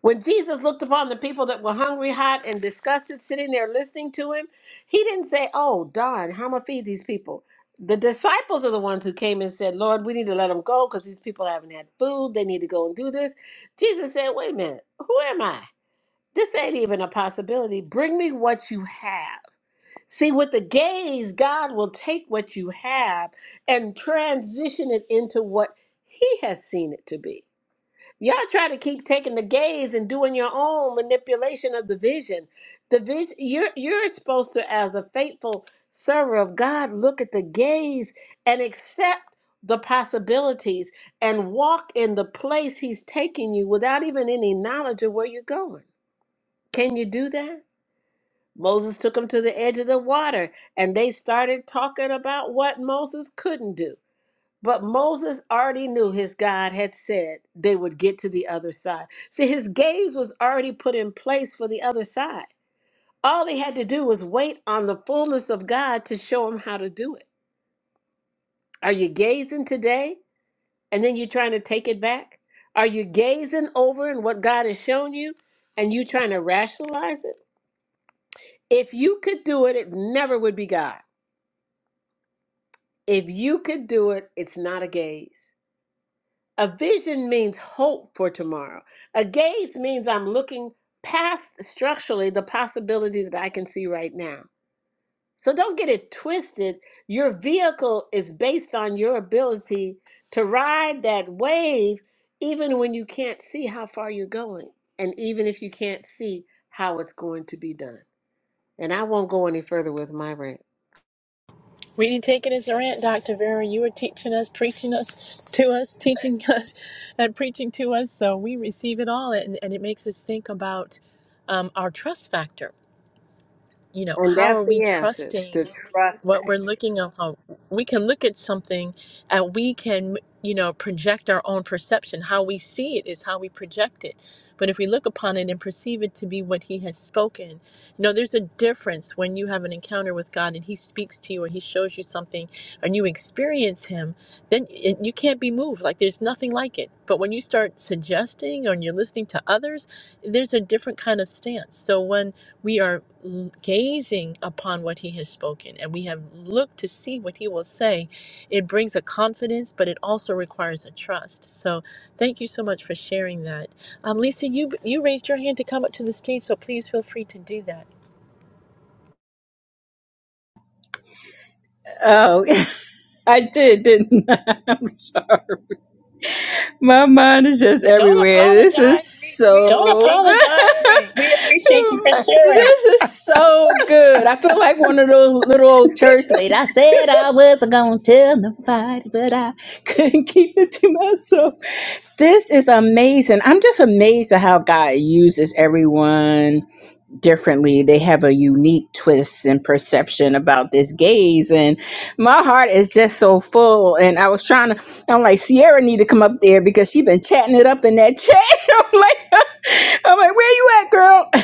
E: When Jesus looked upon the people that were hungry, hot, and disgusted, sitting there listening to him, he didn't say, Oh, darn, how am I feed these people? The disciples are the ones who came and said, Lord, we need to let them go because these people haven't had food. They need to go and do this. Jesus said, Wait a minute, who am I? This ain't even a possibility. Bring me what you have. See, with the gaze, God will take what you have and transition it into what He has seen it to be. Y'all try to keep taking the gaze and doing your own manipulation of the vision. The vision you're you're supposed to, as a faithful server of God, look at the gaze and accept the possibilities and walk in the place He's taking you without even any knowledge of where you're going. Can you do that? Moses took them to the edge of the water and they started talking about what Moses couldn't do. But Moses already knew his God had said they would get to the other side. See, his gaze was already put in place for the other side. All they had to do was wait on the fullness of God to show him how to do it. Are you gazing today and then you're trying to take it back? Are you gazing over and what God has shown you and you trying to rationalize it? If you could do it, it never would be God. If you could do it, it's not a gaze. A vision means hope for tomorrow. A gaze means I'm looking past structurally the possibility that I can see right now. So don't get it twisted. Your vehicle is based on your ability to ride that wave, even when you can't see how far you're going, and even if you can't see how it's going to be done. And I won't go any further with my rant.
B: we didn't take it as a rant, Dr. Vera. You were teaching us, preaching us to us, teaching us, and preaching to us. So we receive it all. And, and it makes us think about um, our trust factor you know,
E: And
B: how are
E: that's
B: we
E: the answer
B: trusting
E: the trust
B: what
E: back.
B: we're looking at? How we can look at something and we can, you know, project our own perception. How we see it is how we project it. But if we look upon it and perceive it to be what he has spoken, you know, there's a difference when you have an encounter with God and he speaks to you or he shows you something and you experience him, then it, you can't be moved. Like there's nothing like it. But when you start suggesting or you're listening to others, there's a different kind of stance. So when we are l- gazing upon what he has spoken and we have looked to see what he will say, it brings a confidence, but it also requires a trust. So thank you so much for sharing that. Um, Lisa, you you raised your hand to come up to the stage, so please feel free to do that.
F: Oh, I did, didn't I? I'm sorry. My mind is just
B: Don't
F: everywhere. This
B: apologize.
F: is
B: We
F: Don't
B: we
F: so
B: appreciate you for
F: apologize.
B: sharing.
F: We appreciate you for good. sharing. This is so good. I feel like one of those little old church ladies. I said I wasn't going to tell nobody, but I couldn't keep it to myself. This is amazing. I'm just amazed at how God uses everyone differently. They have a unique twist and perception about this gaze. And my heart is just so full. And I was trying to, I'm like, Sierra need to come up there because she been chatting it up in that chat. I'm like, I'm like, where you at, girl?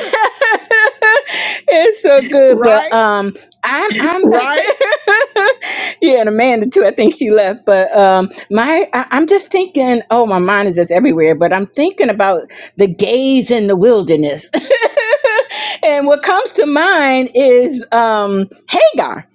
F: it's so good. But
D: Right?
F: um I'm I'm Right? Yeah, and Amanda too. I think she left. But um my I, I'm just thinking, oh my mind is just everywhere, but I'm thinking about the gaze in the wilderness. And what comes to mind is um, Hagar.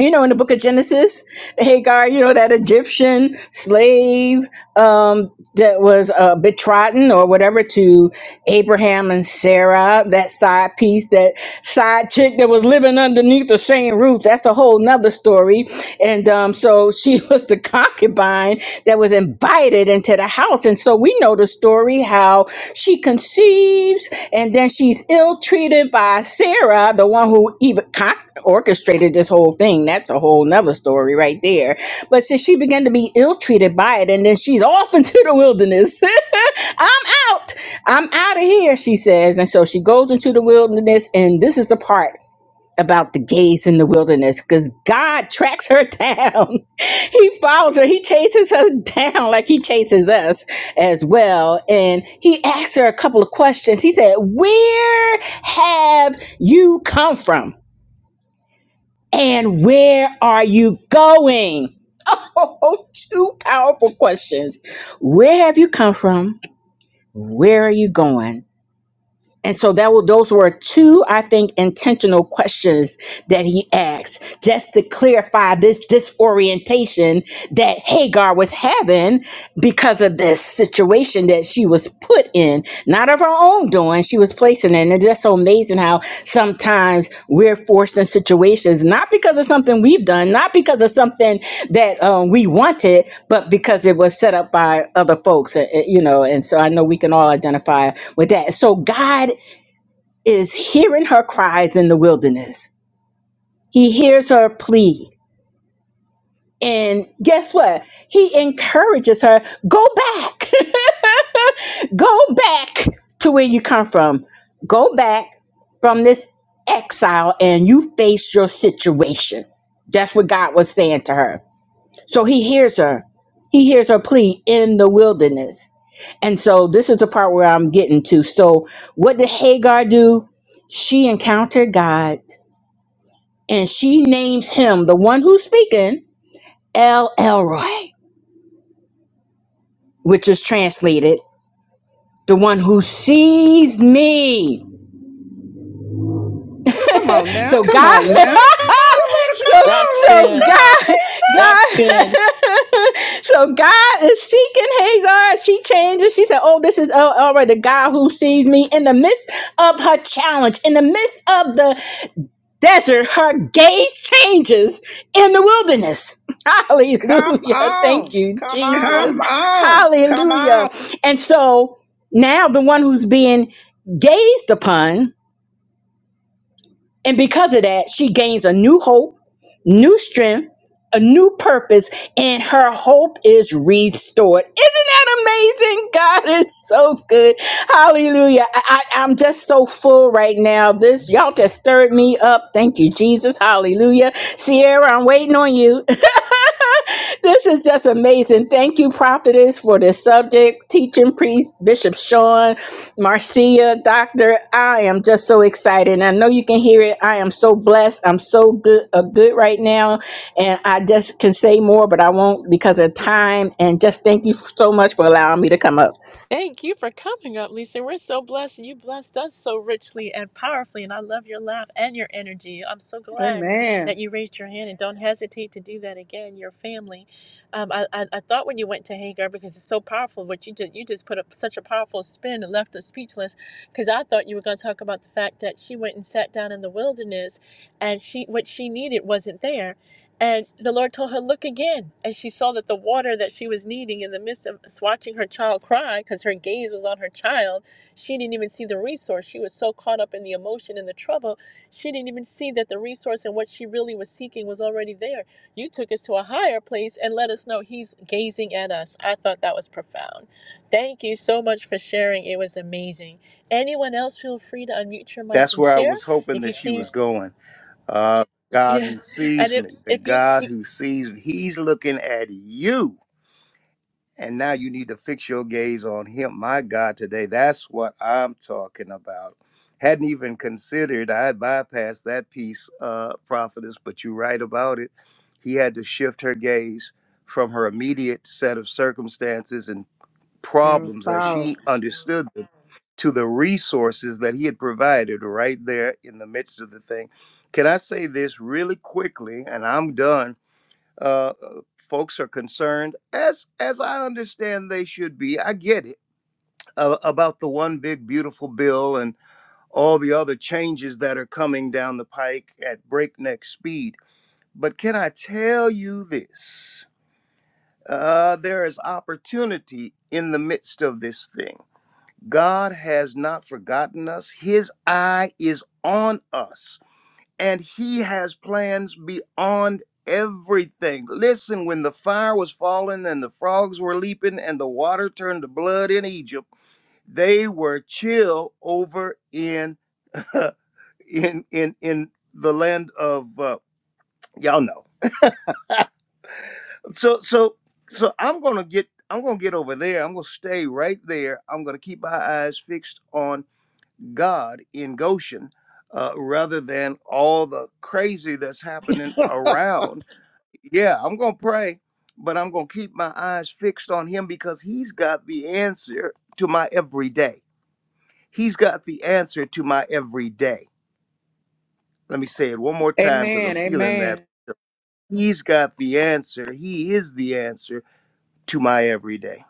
F: You know, in the book of Genesis, Hagar, you know, that Egyptian slave um, that was uh, betrotten or whatever to Abraham and Sarah, that side piece, that side chick that was living underneath the same roof. That's a whole nother story. And um, so she was the concubine that was invited into the house. And so we we know the story how she conceives and then she's ill treated by Sarah, the one who even con- orchestrated this whole thing. That's a whole nother story right there. But since she began to be ill treated by it, and then she's off into the wilderness. I'm out. I'm out of here, she says. And so she goes into the wilderness, and this is the part about the gays in the wilderness because God tracks her down. he follows her. He chases her down like he chases us as well. And he asks her a couple of questions. He said, Where have you come from? And where are you going? Oh, two powerful questions. Where have you come from? Where are you going? And so that were, those were two, I think, intentional questions that he asked just to clarify this disorientation that Hagar was having because of this situation that she was put in, not of her own doing. She was place in it. And it's just so amazing how sometimes we're forced in situations, not because of something we've done, not because of something that um, we wanted, but because it was set up by other folks, uh, uh, you know. And so I know we can all identify with that. So God is hearing her cries in the wilderness, He hears her plea. And guess what? He encourages her go back. go back to where you come from. Go back from this exile and you face your situation. That's what God was saying to her. So he hears her. He hears her plea in the wilderness. And so this is the part where I'm getting to. So what did Hagar do? She encountered God and she names him, the one who's speaking, El Elroy. which is translated the one who sees me.
D: Come on now.
F: So Come God
D: You
F: on
D: better come on. Come on,
B: That's
F: so so God
D: Lisa.
B: good.
F: God so God is seeking Hagar. She changes. She said, Oh, this is uh, already the God who sees me in the midst of her challenge, in the midst of the desert, her gaze changes in the wilderness.
D: Come
F: Hallelujah. Thank
D: on.
F: you,
D: Come
F: Jesus. Come
D: on.
F: on. Come Hallelujah. on. And so now the one who's being gazed upon and because of that, she gains a new hope, new strength, a new purpose, and her hope is restored. Isn't that amazing? God is so good. Hallelujah. I, I, I'm just so full right now. This, y'all just stirred me up. Thank you, Jesus. Hallelujah. Sierra, I'm waiting on you this is just amazing. Thank you, prophetess, for this subject. Teaching priest, Bishop Sean, Marcia, Doctor. I am just so excited. And I know you can hear it. I am so blessed. I'm so good uh, good right now. And I just can say more, but I won't because of time. And just thank you so much for allowing me to come up.
B: Thank you for coming up, Lisa. We're so blessed, and you blessed us so richly and powerfully. And I love your laugh and your energy. I'm so glad that
D: Amen.
B: you raised your hand, and don't hesitate to do that again. Your family. Um, I, I, I thought when you went to Hagar because it's so powerful, but you just you just put up such a powerful spin and left us speechless. Because I thought you were going to talk about the fact that she went and sat down in the wilderness, and she what she needed wasn't there, and the Lord told her, Look again. And she saw that the water that she was needing in the midst of watching her child cry, because her gaze was on her child, she didn't even see the resource. She was so caught up in the emotion and the trouble, she didn't even see that the resource and what she really was seeking was already there. You took us to a higher place and let us know He's gazing at us. I thought that was profound. Thank you so much for sharing. It was amazing. Anyone else, feel free to unmute your mic
A: That's
B: and
A: where I
B: share.
A: was hoping
B: If you
A: that she
B: see,
A: was going. Uh, God
B: yeah.
A: who
B: And
A: sees
B: if
A: me, the
B: if you
A: God who sees me, He's looking at you And now you need to fix your gaze on him. My God, today, that's what I'm talking about. Hadn't even considered, I had bypassed that piece, uh, prophetess, but you're right about it. He had to shift her gaze from her immediate set of circumstances and
D: It was
A: problems as she
D: powerful.
A: understood them to the resources that he had provided right there in the midst of the thing. Can I say this really quickly? And I'm done uh, uh, folks are concerned, as as I understand they should be. I get it uh, about the one big beautiful bill and all the other changes that are coming down the pike at breakneck speed. But can I tell you this? Uh, there is opportunity in the midst of this thing. God has not forgotten us. His eye is on us and he has plans beyond everything. Listen, when the fire was falling and the frogs were leaping and the water turned to blood in Egypt, they were chill over in in in in the land of uh, y'all know. So so so I'm gonna get I'm gonna get over there. I'm gonna stay right there. I'm gonna keep my eyes fixed on God in Goshen uh, rather than all the crazy that's happening around Yeah, I'm going to pray, but I'm going to keep my eyes fixed on him because he's got the answer to my everyday. He's got the answer to my everyday. Let me say it one more time because I'm
D: Amen.
A: feeling that.
D: Amen.
A: He's got the answer. He is the answer to my everyday.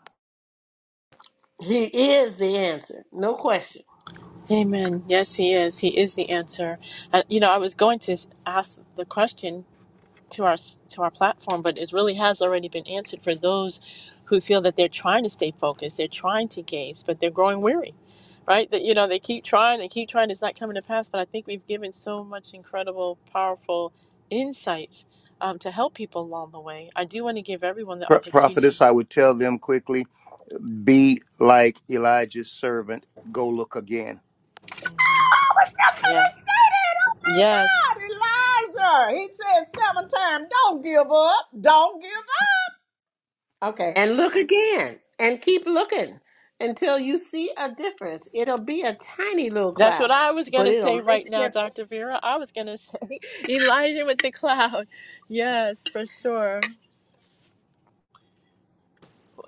E: He is the answer, no question.
B: Amen. Yes, he is. He is the answer. Uh, you know, I was going to ask the question to our to our platform, but it really has already been answered for those who feel that they're trying to stay focused, they're trying to gaze, but they're growing weary, right? That you know, they keep trying, they keep trying. It's not coming to pass. But I think we've given so much incredible, powerful insights um, to help people along the way. I do want to give everyone the
A: Pro-
B: opportunity.
A: prophetess, I would tell them quickly be like Elijah's servant. Go look again.
D: That's what
B: Yeah. Yes.
D: I said, Elijah. He said seven times, don't give up. Don't give up. Okay.
E: and look again and keep looking until you see a difference. It'll be a tiny little
B: That's what
E: cloud,
B: I was going
E: but
B: to
E: it'll
B: say right
E: make a
B: now,
E: difference.
B: Dr. Vera. I was going to say Elijah with the cloud. Yes, for sure.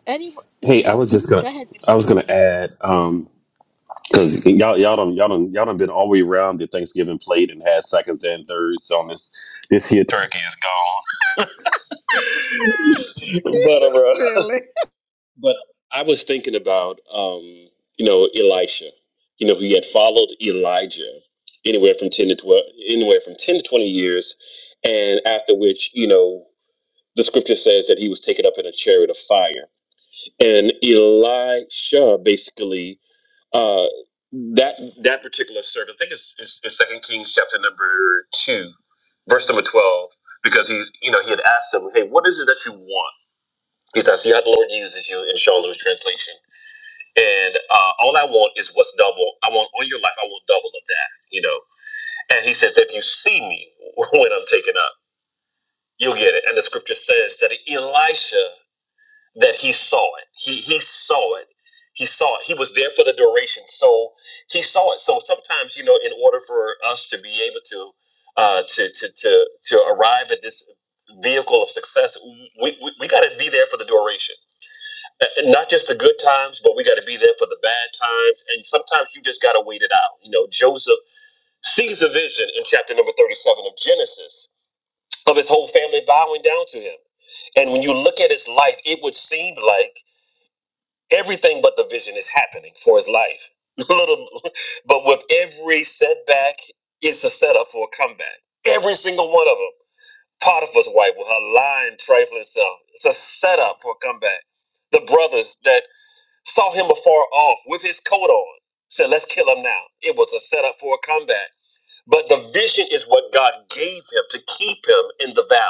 B: Any,
C: Hey, I was just
B: go
C: gonna
B: ahead, Bishop.
C: I was gonna add. Um, Cause y'all y'all done y'all done y'all done been all the way around the Thanksgiving plate and had seconds and thirds on this this here turkey is gone. but uh, bro.
D: Silly.
C: but I was thinking about um, you know, Elisha. You know, who had followed Elijah anywhere from ten to twelve anywhere from ten to twenty years, and after which, you know, the scripture says that he was taken up in a chariot of fire. And Elisha basically Uh, that that particular servant, I think it's, it's, it's Second Kings chapter number two, verse number twelve, because he you know he had asked him, hey, what is it that you want? He said, I see how the Lord uses you in Charlotte's translation, and uh, all I want is what's double. I want all your life. I want double of that, you know. And he says, if you see me when I'm taken up, you'll get it. And the scripture says that Elisha that he saw it. He he saw it. He saw it. He was there for the duration, so he saw it. So sometimes, you know, in order for us to be able to uh, to to to to arrive at this vehicle of success, we we, we got to be there for the duration. Uh, Not just the good times, but we got to be there for the bad times. And sometimes you just got to wait it out. You know, Joseph sees a vision in chapter number thirty-seven of Genesis of his whole family bowing down to him. And when you look at his life, it would seem like Everything but the vision is happening for his life. Little, but with every setback, it's a setup for a comeback. Every single one of them. Potiphar's wife with her lying, trifling self. It's a setup for a comeback. The brothers that saw him afar off with his coat on said, "Let's kill him now." It was a setup for a comeback. But the vision is what God gave him to keep him in the valley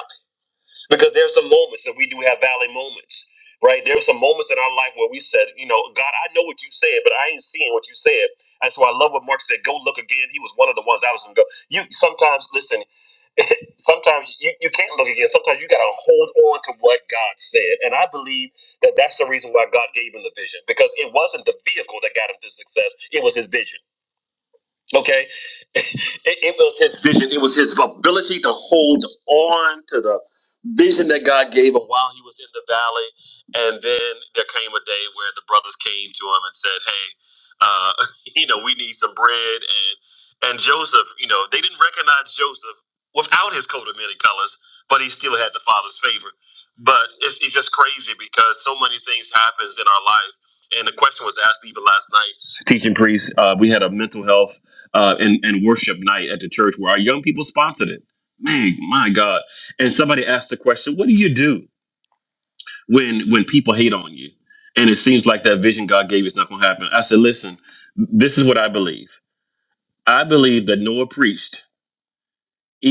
C: because there's some moments that we do have valley moments, right? There are some moments in our life where we said, you know, God, I know what you said, but I ain't seeing what you said. And so I love what Mark said. Go look again. He was one of the ones I was gonna go. You sometimes listen. sometimes you, you can't look again. Sometimes you gotta hold on to what God said. And I believe that that's the reason why God gave him the vision because it wasn't the vehicle that got him to success. It was his vision. Okay. It, it was his vision. It was his ability to hold on to the vision that God gave him while he was in the valley. And then there came a day where the brothers came to him and said, Hey, uh, you know, we need some bread. And and Joseph, you know, they didn't recognize Joseph without his coat of many colors, but he still had the father's favor. But it's, it's just crazy because so many things happens in our life. And the question was asked even last night. Teach. yourself, Uh, uh, And it- this,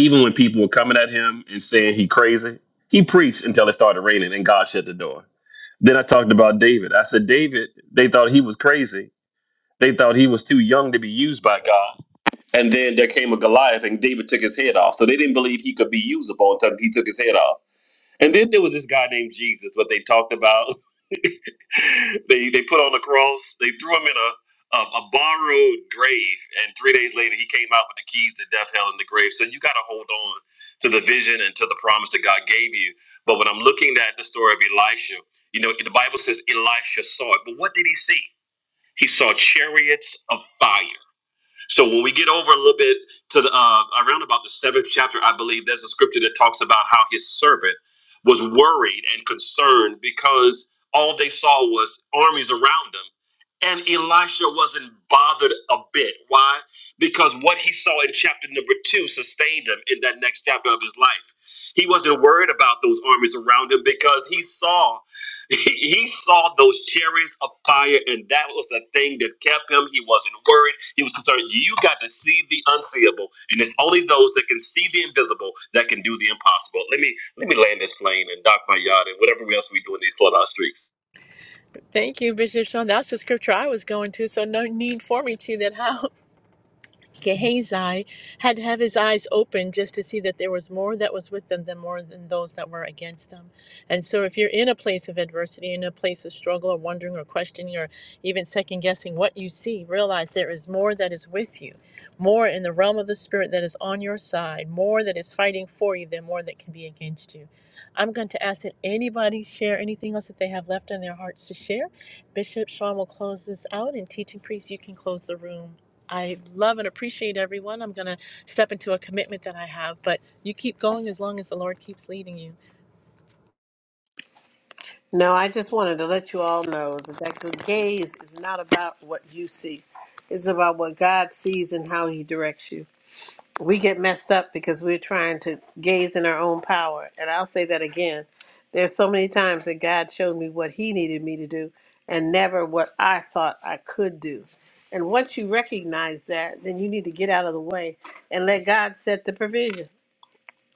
C: even when people were coming at him and saying he crazy, he preached until it started raining and God shut the door. Then I talked about David. I said, David, they thought he was crazy. They thought he was too young to be used by God. And then there came a Goliath and David took his head off. So they didn't believe he could be usable until he took his head off. And then there was this guy named Jesus, what they talked about. they they put on a cross, they threw him in a, a a borrowed grave, and three days later he came out with the keys to death, hell, and the grave. So you gotta hold on to the vision and to the promise that God gave you. But when I'm looking at the story of Elisha, you know, the Bible says Elisha saw it. But what did he see? He saw chariots of fire. So when we get over a little bit to the uh, around about the seventh chapter, I believe there's a scripture that talks about how his servant was worried and concerned because all they saw was armies around him, and Elisha wasn't bothered a bit. Why? Because what he saw in chapter number two sustained him in that next chapter of his life. He wasn't worried about those armies around him because he saw. He, he saw those chariots of fire, and that was the thing that kept him. He wasn't worried. He was concerned. You got to see the unseeable, and it's only those that can see the invisible that can do the impossible. Let me let me land this plane and dock my yacht and whatever else we do in these Florida streets.
B: Thank you, Bishop Sean. That's the scripture I was going to, so no need for me to that. How? Gehazi had to have his eyes open just to see that there was more that was with them than more than those that were against them. And so, if you're in a place of adversity, in a place of struggle, or wondering, or questioning, or even second guessing what you see, realize there is more that is with you, more in the realm of the spirit that is on your side, more that is fighting for you than more that can be against you. I'm going to ask that anybody share anything else that they have left in their hearts to share. Bishop Sean will close this out, and teaching priest, you can close the room. I love and appreciate everyone. I'm going to step into a commitment that I have, but you keep going as long as the Lord keeps leading you.
E: No, I just wanted to let you all know that that good gaze is not about what you see. It's about what God sees and how he directs you. we get messed up because we're trying to gaze in our own power. And I'll say that again. There's so many times that God showed me what He needed me to do and never what I thought I could do. And once you recognize that, then you need to get out of the way and let God set the provision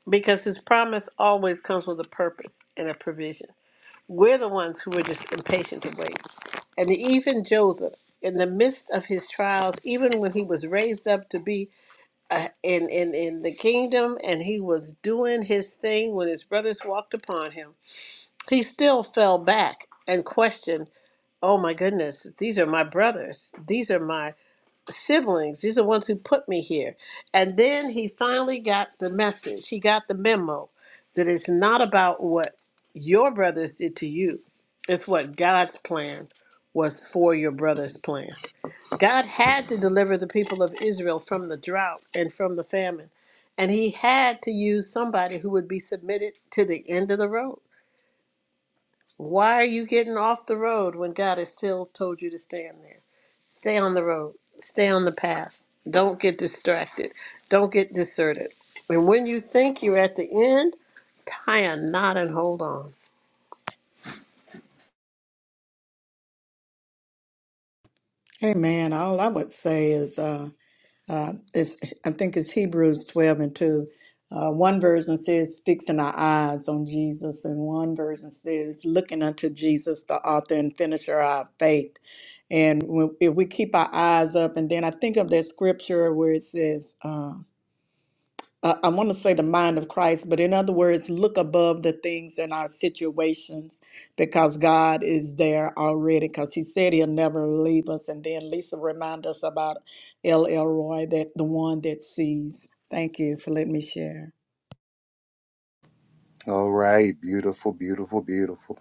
E: because His promise always comes with a purpose and a provision. We're the ones who are just impatient to wait. And even Joseph, in the midst of his trials, even when he was raised up to be uh, in, in, in the kingdom and he was doing his thing when his brothers walked upon him, he still fell back and questioned, Oh my goodness, these are my brothers. These are my siblings. These are the ones who put me here. And then he finally got the message. He got the memo that it's not about what your brothers did to you, it's what God's plan was for your brother's plan. God had to deliver the people of Israel from the drought and from the famine. And he had to use somebody who would be submitted to the end of the road. Why are you getting off the road when God has still told you to stand there? Stay on the road, stay on the path. Don't get distracted, don't get deserted. And when you think you're at the end, tie a knot and hold on.
D: Amen. All I would say is uh, uh, it's, I think it's Hebrews 12 and 2. Uh, one version says fixing our eyes on Jesus, and one version says looking unto Jesus, the author and finisher of our faith. And when, if we keep our eyes up, and then I think of that scripture where it says, uh, uh, I want to say the mind of Christ, but in other words, look above the things in our situations because God is there already because He said He'll never leave us. And then Lisa reminded us about El Elroy, that the one that sees. Thank you for letting me share.
A: All right. Beautiful, beautiful, beautiful.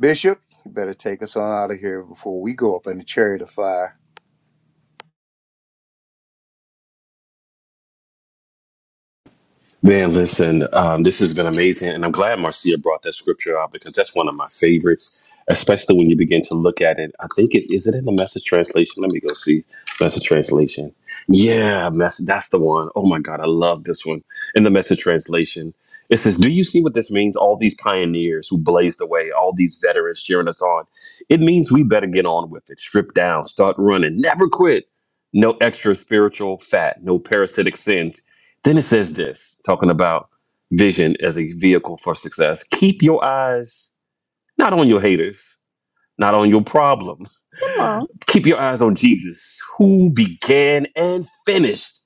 A: Bishop, you better take us on out of here before we go up in the chariot of fire.
C: Um, this has been amazing, and I'm glad Marcia brought that scripture out because that's one of my favorites, especially when you begin to look at it. I think it is it in the message translation. Let me go see message translation. Yeah, mess. That's the one. Oh my God, I love this one in the message translation. It says, "Do you see what this means? All these pioneers who blazed the way, all these veterans cheering us on. It means we better get on with it. Strip down, start running, never quit. No extra spiritual fat, no parasitic sins." Then it says this, talking about vision as a vehicle for success. Keep your eyes not on your haters, not on your problem.
D: Come on.
C: Keep your eyes on Jesus, who began and finished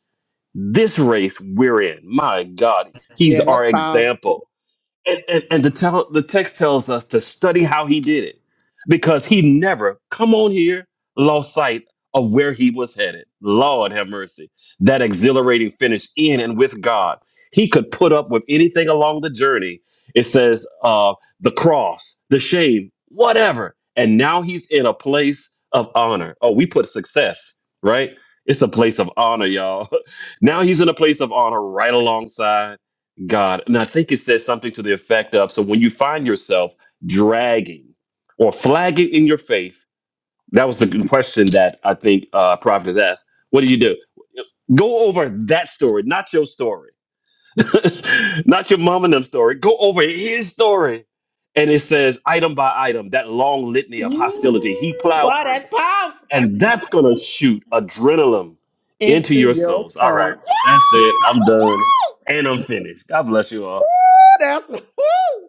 C: this race we're in. My God, he's
D: Yeah, that's
C: our
D: powerful.
C: example and, and, and the, tell, the text tells us to study how he did it because he never come on here lost sight of where he was headed lord have mercy that exhilarating finish in and with god he could put up with anything along the journey it says uh, the cross the shame whatever and now he's in a place of honor oh we put success right it's a place of honor y'all now he's in a place of honor right alongside God. And I think it says something to the effect of so when you find yourself dragging or flagging in your faith, that was the good question that I think uh, Prophet has asked. What do you do? Go over that story, not your story, not your mom and them story. Go over his story. And it says, item by item, that long litany of
D: Mm,
C: hostility he plowed
D: Boy,
C: through.
D: that's powerful.
C: And that's going to shoot adrenaline into
D: Into
C: your
D: your
C: souls. All right.
D: souls.
C: With that said, I'm done
D: Woo!
C: and I'm finished. God bless you
D: Woo!
C: all.
D: That's woo!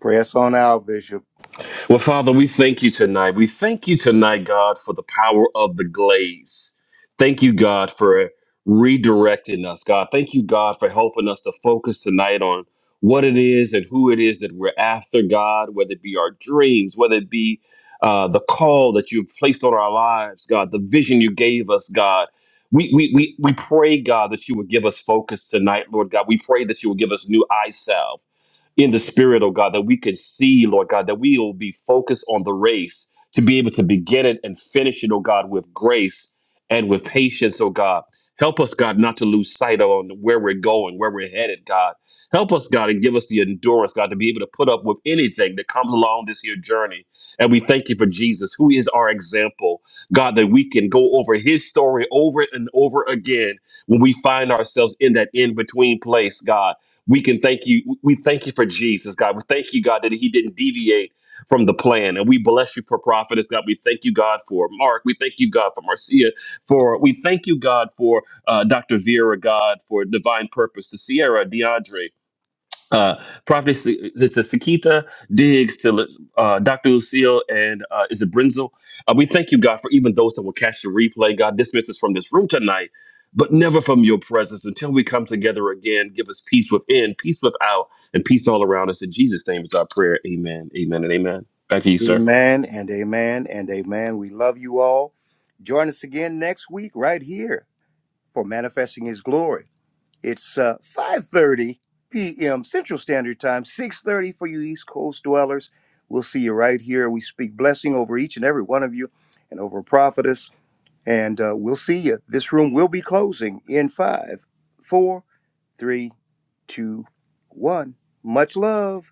A: Press on out, Bishop.
C: Well, Father, we thank you tonight. We thank you tonight, God, for the power of the glaze. Thank you, God, for redirecting us, God. Thank you, God, for helping us to focus tonight on what it is and who it is that we're after, God, whether it be our dreams, whether it be uh, the call that you've placed on our lives, God, the vision you gave us, God. We, we, we, we pray, God, that you would give us focus tonight, Lord God. We pray that you will give us new eye salve in the spirit, oh God, that we could see, Lord God, that we will be focused on the race to be able to begin it and finish it, oh God, with grace and with patience, oh God. Help us, God, not to lose sight on where we're going, where we're headed, God. Help us, God, and give us the endurance, God, to be able to put up with anything that comes along this here journey. And we thank you for Jesus, who is our example, God, that we can go over his story over and over again when we find ourselves in that in between place, God we can thank you. We thank you for Jesus, God. We thank you, God, that he didn't deviate from the plan. And we bless you for prophetess, God. We thank you, God, for Mark. We thank you, God, for Marcia. For we thank you, God, for uh, Dr. Vera, God, for divine purpose, to Sierra, DeAndre. Uh, Prophetess, it's a Sakita Diggs to uh, Dr. Lucille and uh, is it Brenzel? Uh, we thank you, God, for even those that will catch the replay. God, dismiss us from this room tonight, but never from your presence until we come together again. Give us peace within, peace without, and peace all around us. In Jesus' name is our prayer. Amen, amen, and amen. Back to you, sir.
A: Amen and amen and amen. We love you all. Join us again next week right here for Manifesting His Glory. It's uh, 5.30 p.m. Central Standard Time, 6.30 for you East Coast dwellers. We'll see you right here. We speak blessing over each and every one of you and over Prophetess, and uh, we'll see you. This room will be closing in five, four, three, two, one. Much love.